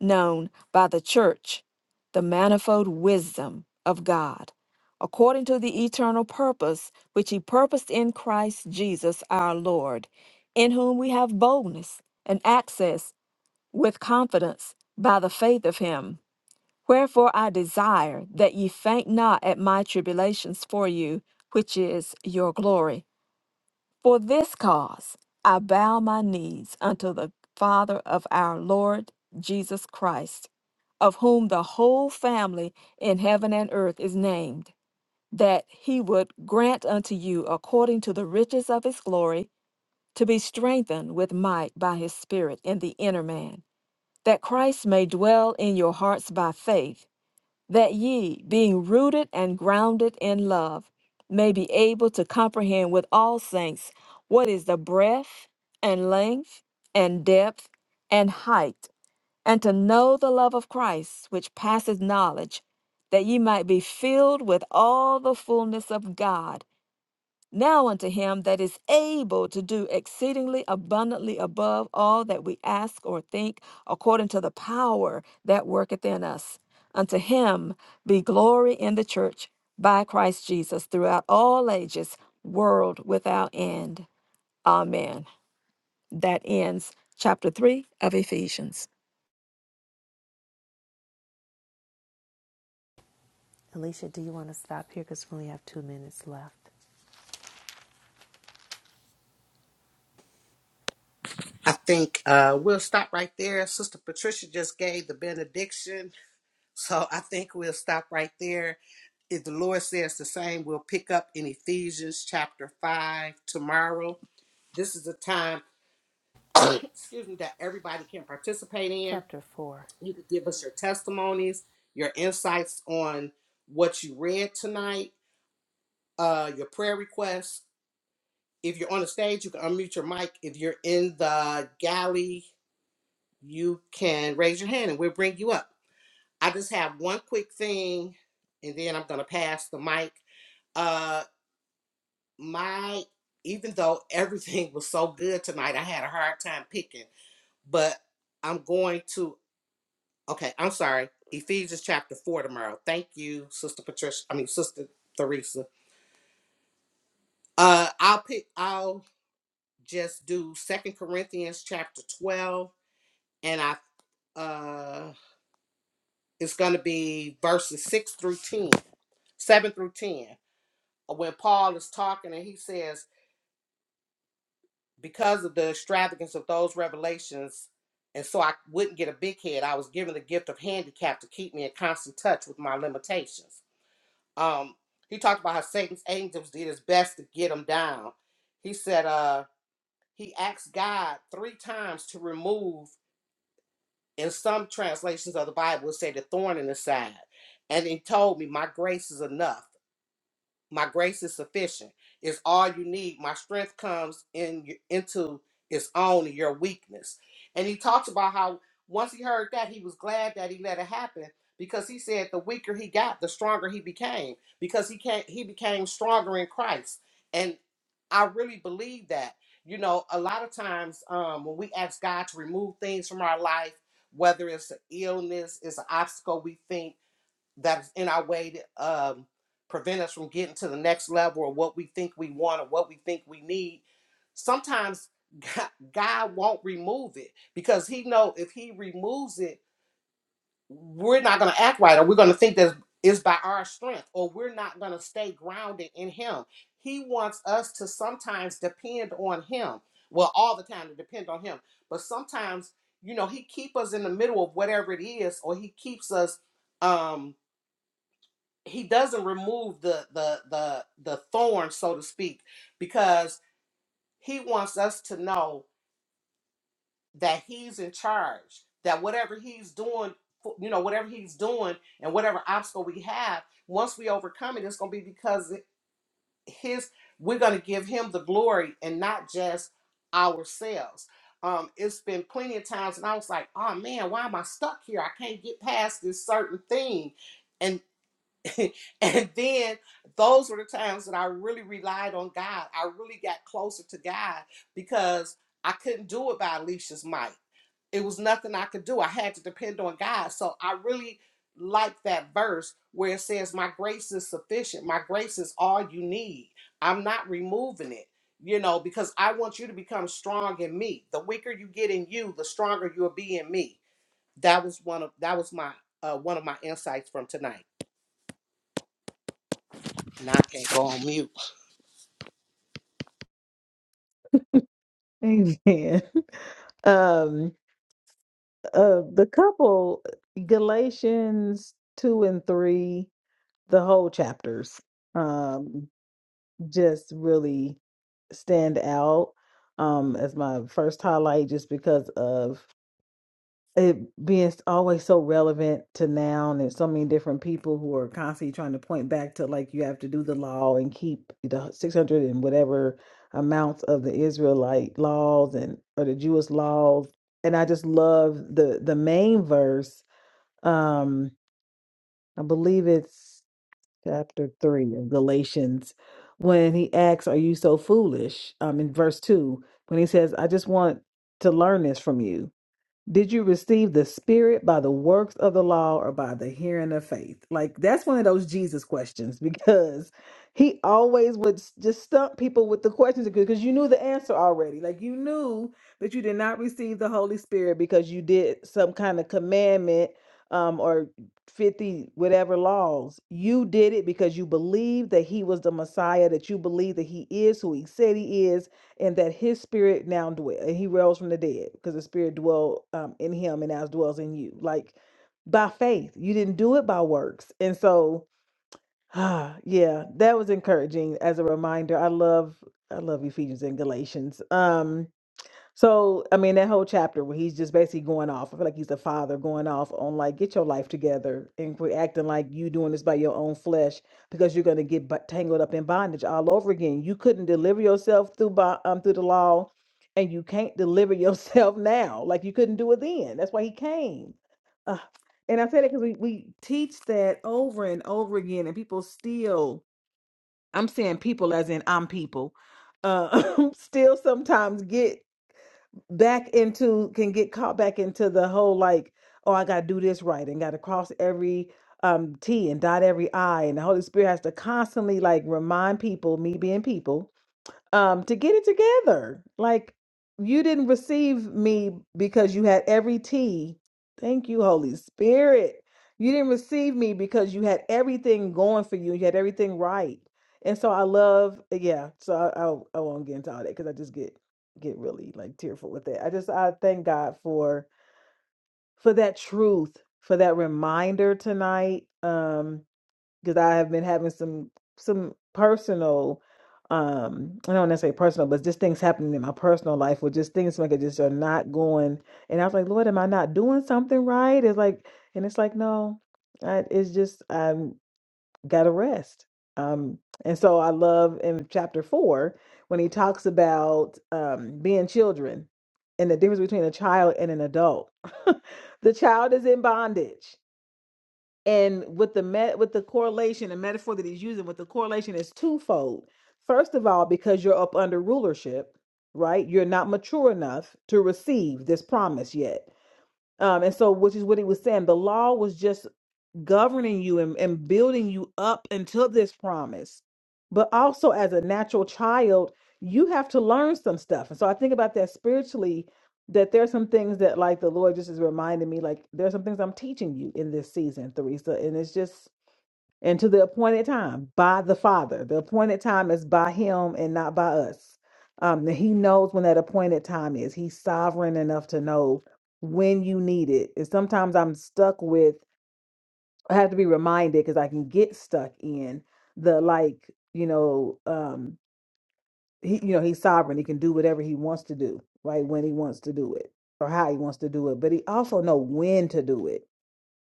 known by the church the manifold wisdom of God, according to the eternal purpose which He purposed in Christ Jesus our Lord, in whom we have boldness and access with confidence by the faith of Him. Wherefore I desire that ye faint not at my tribulations for you, which is your glory. For this cause I bow my knees unto the Father of our Lord Jesus Christ, of whom the whole family in heaven and earth is named, that he would grant unto you according to the riches of his glory to be strengthened with might by his Spirit in the inner man, that Christ may dwell in your hearts by faith that ye, being rooted and grounded in love, may be able to comprehend with all saints what is the breadth and length and depth and height, and to know the love of Christ, which passeth knowledge, that ye might be filled with all the fullness of God. Now unto him that is able to do exceedingly abundantly above all that we ask or think, according to the power that worketh in us. Unto him be glory in the church by Christ Jesus throughout all ages, world without end. Amen. That ends chapter 3 of Ephesians. Alicia, do you want to stop here? Because we only have two minutes left. I think uh, we'll stop right there. Sister Patricia just gave the benediction. So I think we'll stop right there. If the Lord says the same, we'll pick up in Ephesians chapter 5 tomorrow. This is a time, excuse me, that everybody can participate in. Chapter 4. You can give us your testimonies, your insights on what you read tonight uh, your prayer requests. If you're on the stage, you can unmute your mic. If you're in the galley, you can raise your hand and we'll bring you up. I just have one quick thing and then I'm going to pass the mic. Uh, my, even though everything was so good tonight, I had a hard time picking, but I'm going to, okay, I'm sorry. Ephesians chapter four tomorrow. Thank you, Sister Patricia. I mean, Sister Theresa. Uh, I'll pick. I'll just do Second Corinthians chapter 12 and I uh it's going to be verses 6 through 10, 7 through 10. uh, When Paul is talking and he says because of the extravagance of those revelations and so I wouldn't get a big head, I was given the gift of handicap to keep me in constant touch with my limitations. Um he talked about how Satan's angels did his best to get him down. He said uh he asked God 3 times to remove in some translations of the Bible, it say the thorn in the side. And he told me, My grace is enough. My grace is sufficient. It's all you need. My strength comes in into its own in your weakness. And he talks about how once he heard that, he was glad that he let it happen because he said the weaker he got, the stronger he became because he can not he became stronger in Christ. And I really believe that. You know, a lot of times um, when we ask God to remove things from our life, whether it's an illness, it's an obstacle we think that's in our way to um, prevent us from getting to the next level or what we think we want or what we think we need sometimes god, god won't remove it because he know if he removes it we're not going to act right or we're going to think that it's by our strength or we're not going to stay grounded in him he wants us to sometimes depend on him well all the time to depend on him but sometimes you know he keep us in the middle of whatever it is or he keeps us um he doesn't remove the the the the thorn so to speak because he wants us to know that he's in charge that whatever he's doing you know whatever he's doing and whatever obstacle we have once we overcome it it's going to be because his we're going to give him the glory and not just ourselves um it's been plenty of times and i was like oh man why am i stuck here i can't get past this certain thing and. and then those were the times that I really relied on God. I really got closer to God because I couldn't do it by Alicia's might. It was nothing I could do. I had to depend on God. So I really like that verse where it says, My grace is sufficient. My grace is all you need. I'm not removing it, you know, because I want you to become strong in me. The weaker you get in you, the stronger you'll be in me. That was one of that was my uh, one of my insights from tonight. And I can't go on mute. Amen. Um, uh, the couple, Galatians 2 and 3, the whole chapters, um, just really stand out um, as my first highlight just because of it being always so relevant to now and there's so many different people who are constantly trying to point back to like you have to do the law and keep the 600 and whatever amounts of the israelite laws and or the jewish laws and i just love the the main verse um i believe it's chapter 3 of galatians when he asks are you so foolish um in verse 2 when he says i just want to learn this from you did you receive the Spirit by the works of the law or by the hearing of faith? Like, that's one of those Jesus questions because he always would s- just stump people with the questions because you knew the answer already. Like, you knew that you did not receive the Holy Spirit because you did some kind of commandment um, or 50 whatever laws. You did it because you believed that he was the Messiah, that you believed that he is who he said he is and that his spirit now dwell and he rose from the dead because the spirit dwell um, in him and now dwells in you like by faith you didn't do it by works and so ah yeah that was encouraging as a reminder i love i love ephesians and galatians Um so, I mean, that whole chapter where he's just basically going off, I feel like he's the father going off on like, get your life together and quit acting like you doing this by your own flesh because you're going to get bu- tangled up in bondage all over again. You couldn't deliver yourself through by, um, through the law, and you can't deliver yourself now, like you couldn't do it then. That's why he came. Uh, and I say that because we we teach that over and over again, and people still. I'm saying people as in I'm people. Uh, still sometimes get back into can get caught back into the whole like oh i gotta do this right and gotta cross every um t and dot every i and the holy spirit has to constantly like remind people me being people um, to get it together. Like you didn't receive me because you had every T. Thank you, Holy Spirit. You didn't receive me because you had everything going for you. You had everything right. And so I love, uh, yeah. So I, I, I won't get into all that because I just get get really like tearful with it. I just I thank God for for that truth, for that reminder tonight. Um, because I have been having some some personal um I don't necessarily personal, but just things happening in my personal life where just things like it just are not going and I was like, Lord, am I not doing something right? It's like and it's like, no, I, it's just I'm gotta rest. Um and so I love in chapter four when he talks about um being children and the difference between a child and an adult. the child is in bondage and with the met with the correlation the metaphor that he's using with the correlation is twofold first of all because you're up under rulership right you're not mature enough to receive this promise yet um and so which is what he was saying the law was just governing you and, and building you up until this promise. But also, as a natural child, you have to learn some stuff. And so I think about that spiritually, that there's some things that, like, the Lord just is reminding me, like, there's some things I'm teaching you in this season, Theresa. And it's just, and to the appointed time by the Father. The appointed time is by Him and not by us. Um, and He knows when that appointed time is. He's sovereign enough to know when you need it. And sometimes I'm stuck with, I have to be reminded because I can get stuck in the like, you know, um, he, you know, he's sovereign. He can do whatever he wants to do, right? When he wants to do it or how he wants to do it. But he also know when to do it.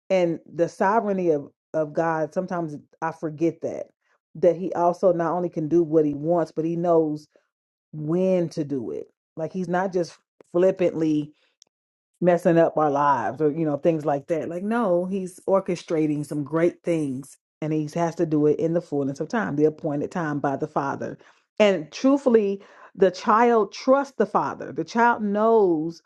And the sovereignty of of God, sometimes I forget that that he also not only can do what he wants, but he knows when to do it. Like he's not just flippantly messing up our lives or you know things like that like no he's orchestrating some great things and he has to do it in the fullness of time the appointed time by the father and truthfully the child trusts the father the child knows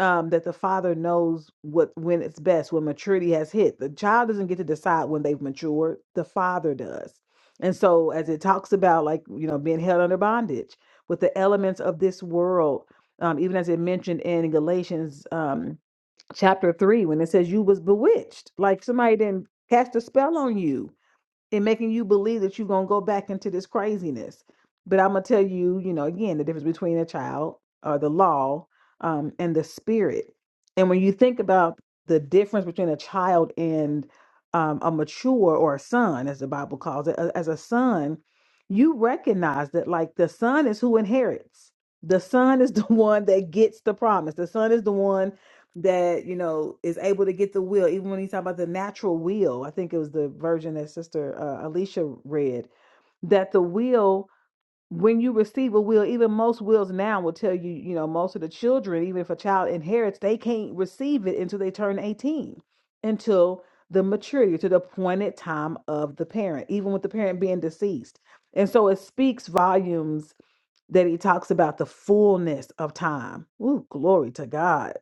um, that the father knows what when it's best when maturity has hit the child doesn't get to decide when they've matured the father does and so as it talks about like you know being held under bondage with the elements of this world um, even as it mentioned in galatians Um, chapter three when it says you was bewitched like somebody didn't cast a spell on you and making you believe that you're gonna go back into this craziness but i'm gonna tell you you know again the difference between a child or the law um, and the spirit and when you think about the difference between a child and um, a mature or a son as the bible calls it a- as a son you recognize that like the son is who inherits the son is the one that gets the promise the son is the one that you know is able to get the will even when he's talking about the natural will i think it was the version that sister uh, alicia read that the will when you receive a will even most wills now will tell you you know most of the children even if a child inherits they can't receive it until they turn 18 until the maturity to the appointed time of the parent even with the parent being deceased and so it speaks volumes that he talks about the fullness of time. Ooh, glory to God.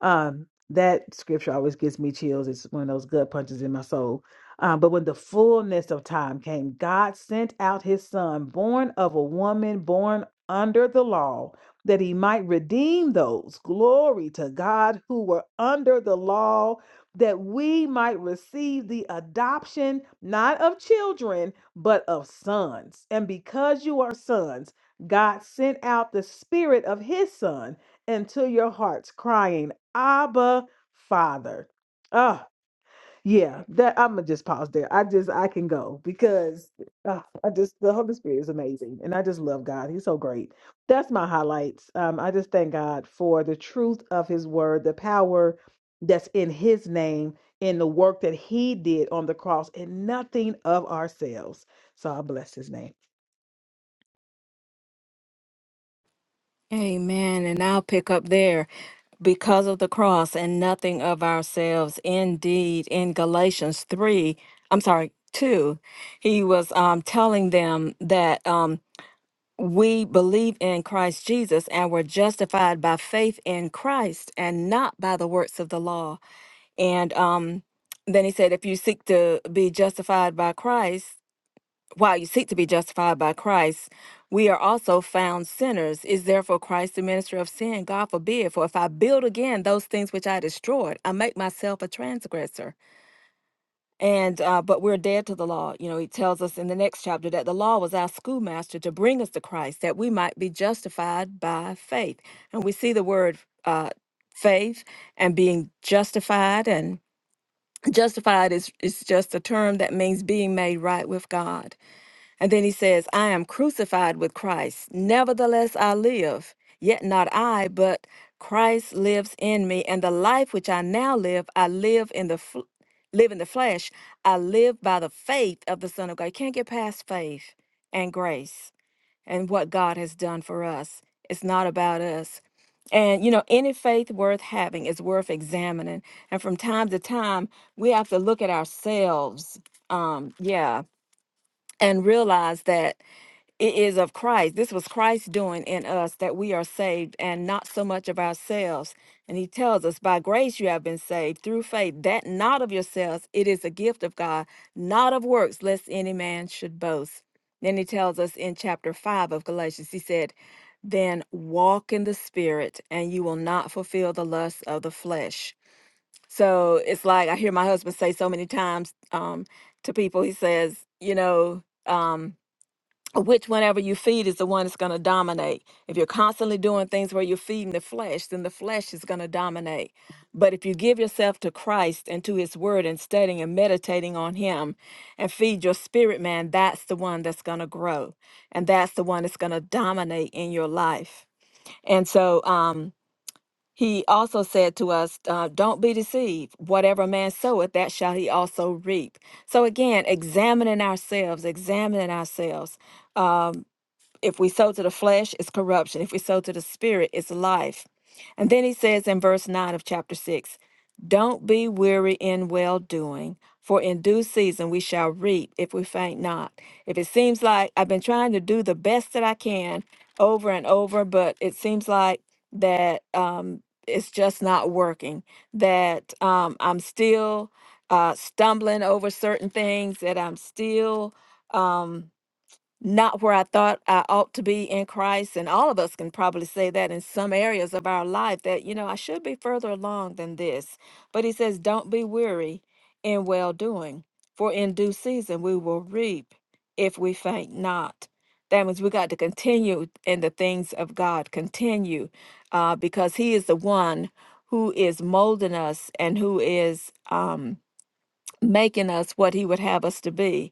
Um, that scripture always gives me chills. It's one of those gut punches in my soul. Um, but when the fullness of time came, God sent out his son, born of a woman, born under the law, that he might redeem those, glory to God, who were under the law, that we might receive the adoption, not of children, but of sons. And because you are sons, God sent out the spirit of his son into your hearts, crying, Abba, Father. Ah, yeah, that I'm gonna just pause there. I just I can go because ah, I just the Holy Spirit is amazing and I just love God. He's so great. That's my highlights. Um, I just thank God for the truth of his word, the power that's in his name, in the work that he did on the cross, and nothing of ourselves. So I bless his name. Amen. And I'll pick up there. Because of the cross and nothing of ourselves. Indeed, in Galatians 3, I'm sorry, 2, he was um, telling them that um, we believe in Christ Jesus and were justified by faith in Christ and not by the works of the law. And um, then he said, if you seek to be justified by Christ, while you seek to be justified by Christ, we are also found sinners. Is therefore Christ the minister of sin? God forbid. For if I build again those things which I destroyed, I make myself a transgressor. And uh, but we're dead to the law. You know, he tells us in the next chapter that the law was our schoolmaster to bring us to Christ, that we might be justified by faith. And we see the word uh, faith and being justified, and justified is is just a term that means being made right with God. And then he says, I am crucified with Christ. Nevertheless, I live. Yet not I, but Christ lives in me. And the life which I now live, I live in the fl- live in the flesh. I live by the faith of the Son of God. You can't get past faith and grace and what God has done for us. It's not about us. And you know, any faith worth having is worth examining. And from time to time, we have to look at ourselves. Um, yeah, and realize that it is of Christ. This was Christ doing in us that we are saved and not so much of ourselves. And he tells us, by grace you have been saved through faith, that not of yourselves, it is a gift of God, not of works, lest any man should boast. Then he tells us in chapter 5 of Galatians, he said, Then walk in the spirit, and you will not fulfill the lusts of the flesh. So it's like I hear my husband say so many times um, to people, he says, You know, um, which whenever you feed is the one that's going to dominate. If you're constantly doing things where you're feeding the flesh, then the flesh is going to dominate. But if you give yourself to Christ and to his word and studying and meditating on him and feed your spirit man, that's the one that's going to grow. And that's the one that's going to dominate in your life. And so um, he also said to us, uh, don't be deceived. Whatever a man soweth, that shall he also reap. So again, examining ourselves, examining ourselves. Um, if we sow to the flesh, it's corruption. If we sow to the spirit, it's life. And then he says in verse 9 of chapter 6 Don't be weary in well doing, for in due season we shall reap if we faint not. If it seems like I've been trying to do the best that I can over and over, but it seems like that um, it's just not working, that um, I'm still uh, stumbling over certain things, that I'm still. Um, not where I thought I ought to be in Christ. And all of us can probably say that in some areas of our life that, you know, I should be further along than this. But he says, don't be weary in well doing, for in due season we will reap if we faint not. That means we got to continue in the things of God, continue, uh, because he is the one who is molding us and who is um, making us what he would have us to be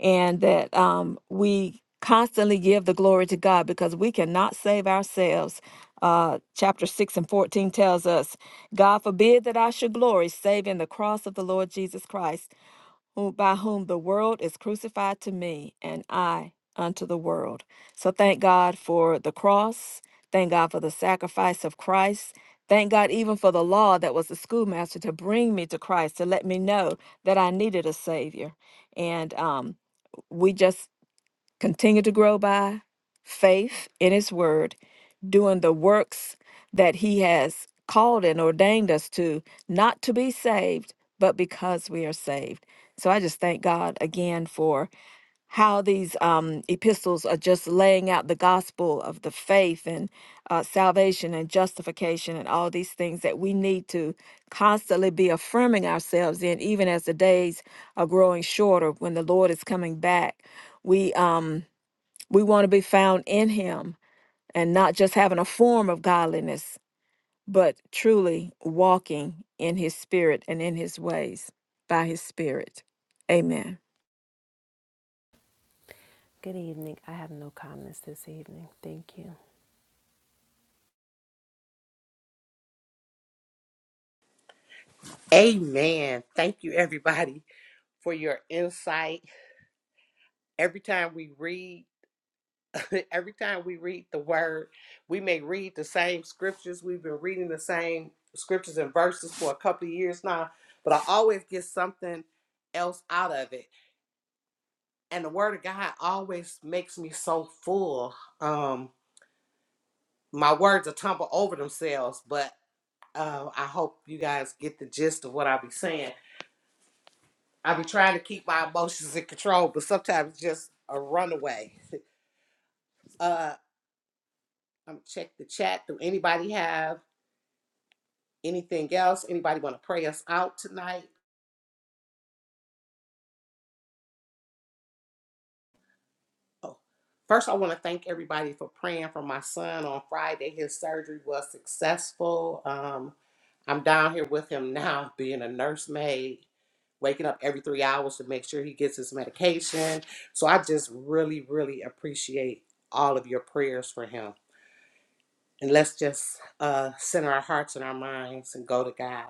and that um, we constantly give the glory to God because we cannot save ourselves. Uh, chapter 6 and 14 tells us, God forbid that I should glory, save in the cross of the Lord Jesus Christ, who, by whom the world is crucified to me, and I unto the world. So thank God for the cross. Thank God for the sacrifice of Christ. Thank God even for the law that was the schoolmaster to bring me to Christ, to let me know that I needed a Savior. And um, we just continue to grow by faith in His Word, doing the works that He has called and ordained us to, not to be saved, but because we are saved. So I just thank God again for how these um, epistles are just laying out the gospel of the faith and uh, salvation and justification and all these things that we need to constantly be affirming ourselves in, even as the days are growing shorter when the Lord is coming back. We um, we want to be found in Him and not just having a form of godliness, but truly walking in His Spirit and in His ways by His Spirit. Amen. Good evening. I have no comments this evening. Thank you. Amen. Thank you, everybody, for your insight. Every time we read, every time we read the word, we may read the same scriptures. We've been reading the same scriptures and verses for a couple of years now, but I always get something else out of it. And the word of God always makes me so full. Um, my words are tumble over themselves, but uh, I hope you guys get the gist of what I'll be saying. I be trying to keep my emotions in control, but sometimes it's just a runaway. Uh, I'm gonna check the chat. Do anybody have anything else? Anybody want to pray us out tonight? Oh, first I want to thank everybody for praying for my son on Friday. His surgery was successful. Um, I'm down here with him now, being a nursemaid, waking up every three hours to make sure he gets his medication. So I just really, really appreciate all of your prayers for him. And let's just uh, center our hearts and our minds and go to God.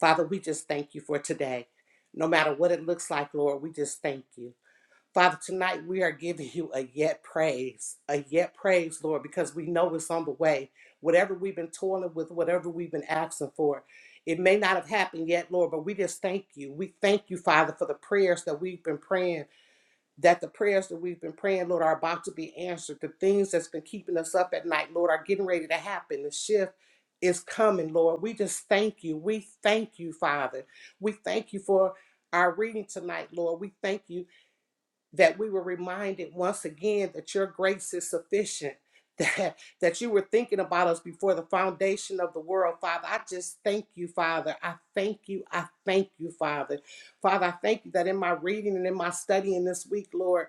Father, we just thank you for today. No matter what it looks like, Lord, we just thank you. Father, tonight we are giving you a yet praise, a yet praise, Lord, because we know it's on the way. Whatever we've been toiling with, whatever we've been asking for, it may not have happened yet, Lord, but we just thank you. We thank you, Father, for the prayers that we've been praying that the prayers that we've been praying, Lord, are about to be answered. The things that's been keeping us up at night, Lord, are getting ready to happen. The shift is coming, Lord. We just thank you. We thank you, Father. We thank you for our reading tonight, Lord. We thank you that we were reminded once again that your grace is sufficient. That, that you were thinking about us before the foundation of the world, Father. I just thank you, Father. I thank you. I thank you, Father. Father, I thank you that in my reading and in my studying this week, Lord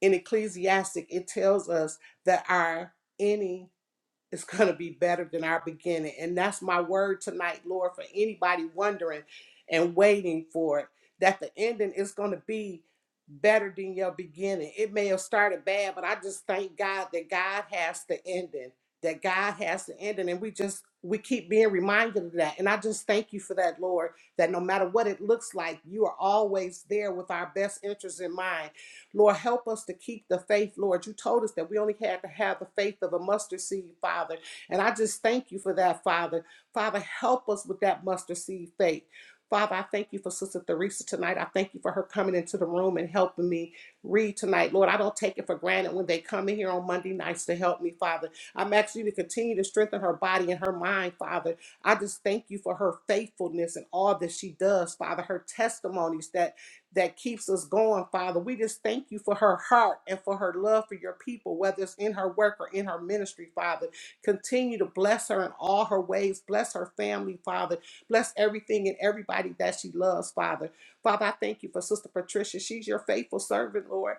in Ecclesiastic, it tells us that our ending is going to be better than our beginning. And that's my word tonight, Lord, for anybody wondering and waiting for it, that the ending is going to be better than your beginning. It may have started bad, but I just thank God that God has the ending, that God has the ending. And we just, we keep being reminded of that. And I just thank you for that, Lord, that no matter what it looks like, you are always there with our best interests in mind Lord, help us to keep the faith, Lord. You told us that we only had to have the faith of a mustard seed, Father. And I just thank you for that, Father. Father, help us with that mustard seed faith. Father, I thank you for Sister Theresa tonight. I thank you for her coming into the room and helping me read tonight. Lord, I don't take it for granted when they come in here on Monday nights to help me, Father. I'm asking you to continue to strengthen her body and her mind, Father. I just thank you for her faithfulness and all that she does, Father, her testimonies that that keeps us going, Father. We just thank you for her heart and for her love for your people, whether it's in her work or in her ministry, Father. Continue to bless her in all her ways. Bless her family, Father. Bless everything and everybody that she loves, Father. Father, I thank you for Sister Patricia. She's your faithful servant, Lord.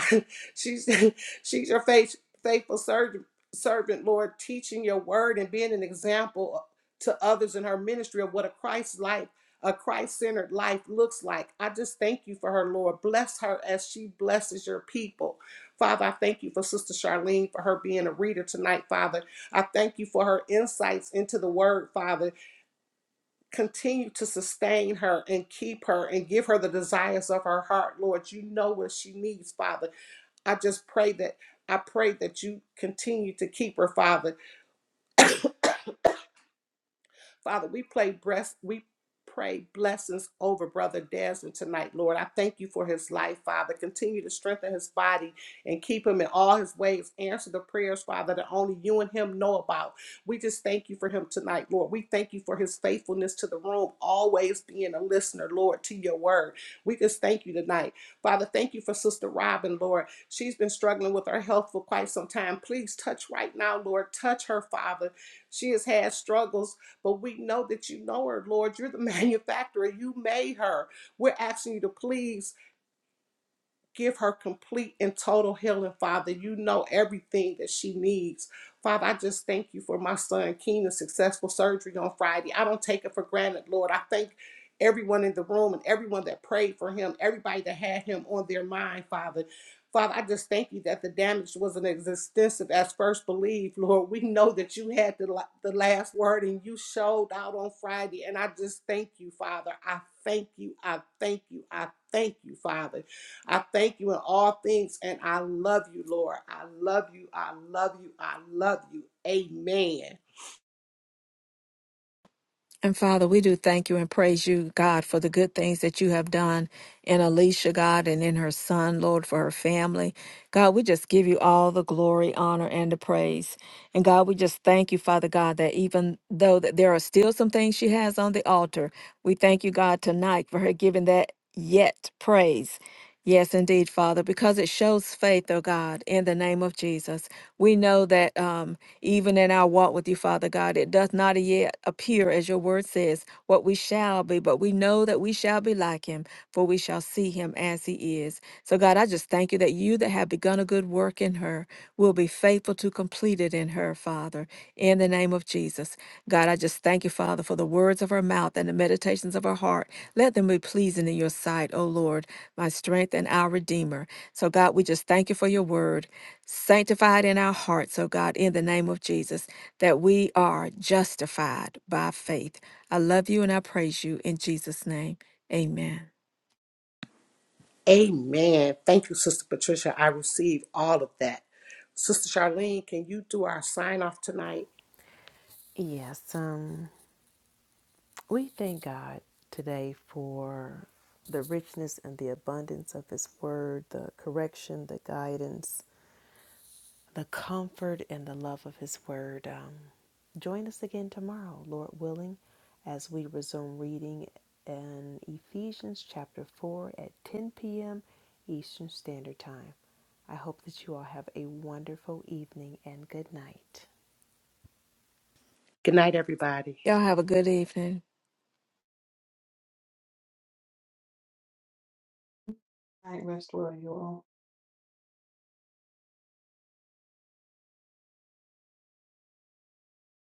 she's she's your faith, faithful servant, servant, Lord, teaching your word and being an example to others in her ministry of what a Christ life a Christ centered life looks like. I just thank you for her, Lord. Bless her as she blesses your people. Father, I thank you for Sister Charlene for her being a reader tonight, Father. I thank you for her insights into the word, Father. Continue to sustain her and keep her and give her the desires of her heart, Lord. You know what she needs, Father. I just pray that. I pray that you continue to keep her, Father. Father, we play breast, we pray blessings over Brother Desmond tonight, Lord. I thank you for his life, Father. Continue to strengthen his body and keep him in all his ways. Answer the prayers, Father, that only you and him know about. We just thank you for him tonight, Lord. We thank you for his faithfulness to the room, always being a listener, Lord, to your word. We just thank you tonight. Father, thank you for Sister Robin, Lord. She's been struggling with her health for quite some time. Please touch right now, Lord. Touch her, Father. She has had struggles but we know that you know her, Lord. You're the manufacturer. You made her. We're asking you to please Give her complete and total healing, Father. You know everything that she needs. Father, I just thank you for my son Keenan's successful surgery on Friday. I don't take it for granted, Lord. I thank everyone in the room and everyone that prayed for him, everybody that had him on their mind, Father. Father, I just thank you that the damage wasn't as extensive as first believed, Lord. We know that you had the, la- the last word and you showed out on Friday. And I just thank you, Father. I thank you. I thank you. I thank you, Father. I thank you in all things and I love you, Lord. I love you. I love you. I love you. Amen. And Father, we do thank you and praise you, God, for the good things that you have done in Alicia, God, and in her son, Lord, for her family. God, we just give you all the glory, honor, and the praise. And God, we just thank you, Father God, that even though that there are still some things she has on the altar, we thank you, God, tonight for her giving that yet praise. Yes, indeed, Father, because it shows faith, oh God, in the name of Jesus. We know that. Um, even in our walk with you, Father God, it does not yet appear, as your word says, what we shall be, but we know that we shall be like him, for we shall see him as he is. So, God, I just thank you that you that have begun a good work in her will be faithful to complete it in her, Father, in the name of Jesus. God, I just thank you, Father, for the words of her mouth and the meditations of her heart. Let them be pleasing in your sight, O Lord, my strength and our Redeemer. So, God, we just thank you for your word. Sanctified in our hearts, oh God, in the name of Jesus, that we are justified by faith. I love you and I praise you in Jesus' name. Amen. Amen. Thank you, Sister Patricia. I receive all of that. Sister Charlene, can you do our sign off tonight? Yes, um, we thank God today for the richness and the abundance of His Word, the correction, the guidance, the comfort and the love of His Word. Um, join us again tomorrow, Lord willing, as we resume reading in Ephesians chapter 4 at 10 p.m. Eastern Standard Time. I hope that you all have a wonderful evening and good night. Good night, everybody. Y'all have a good evening.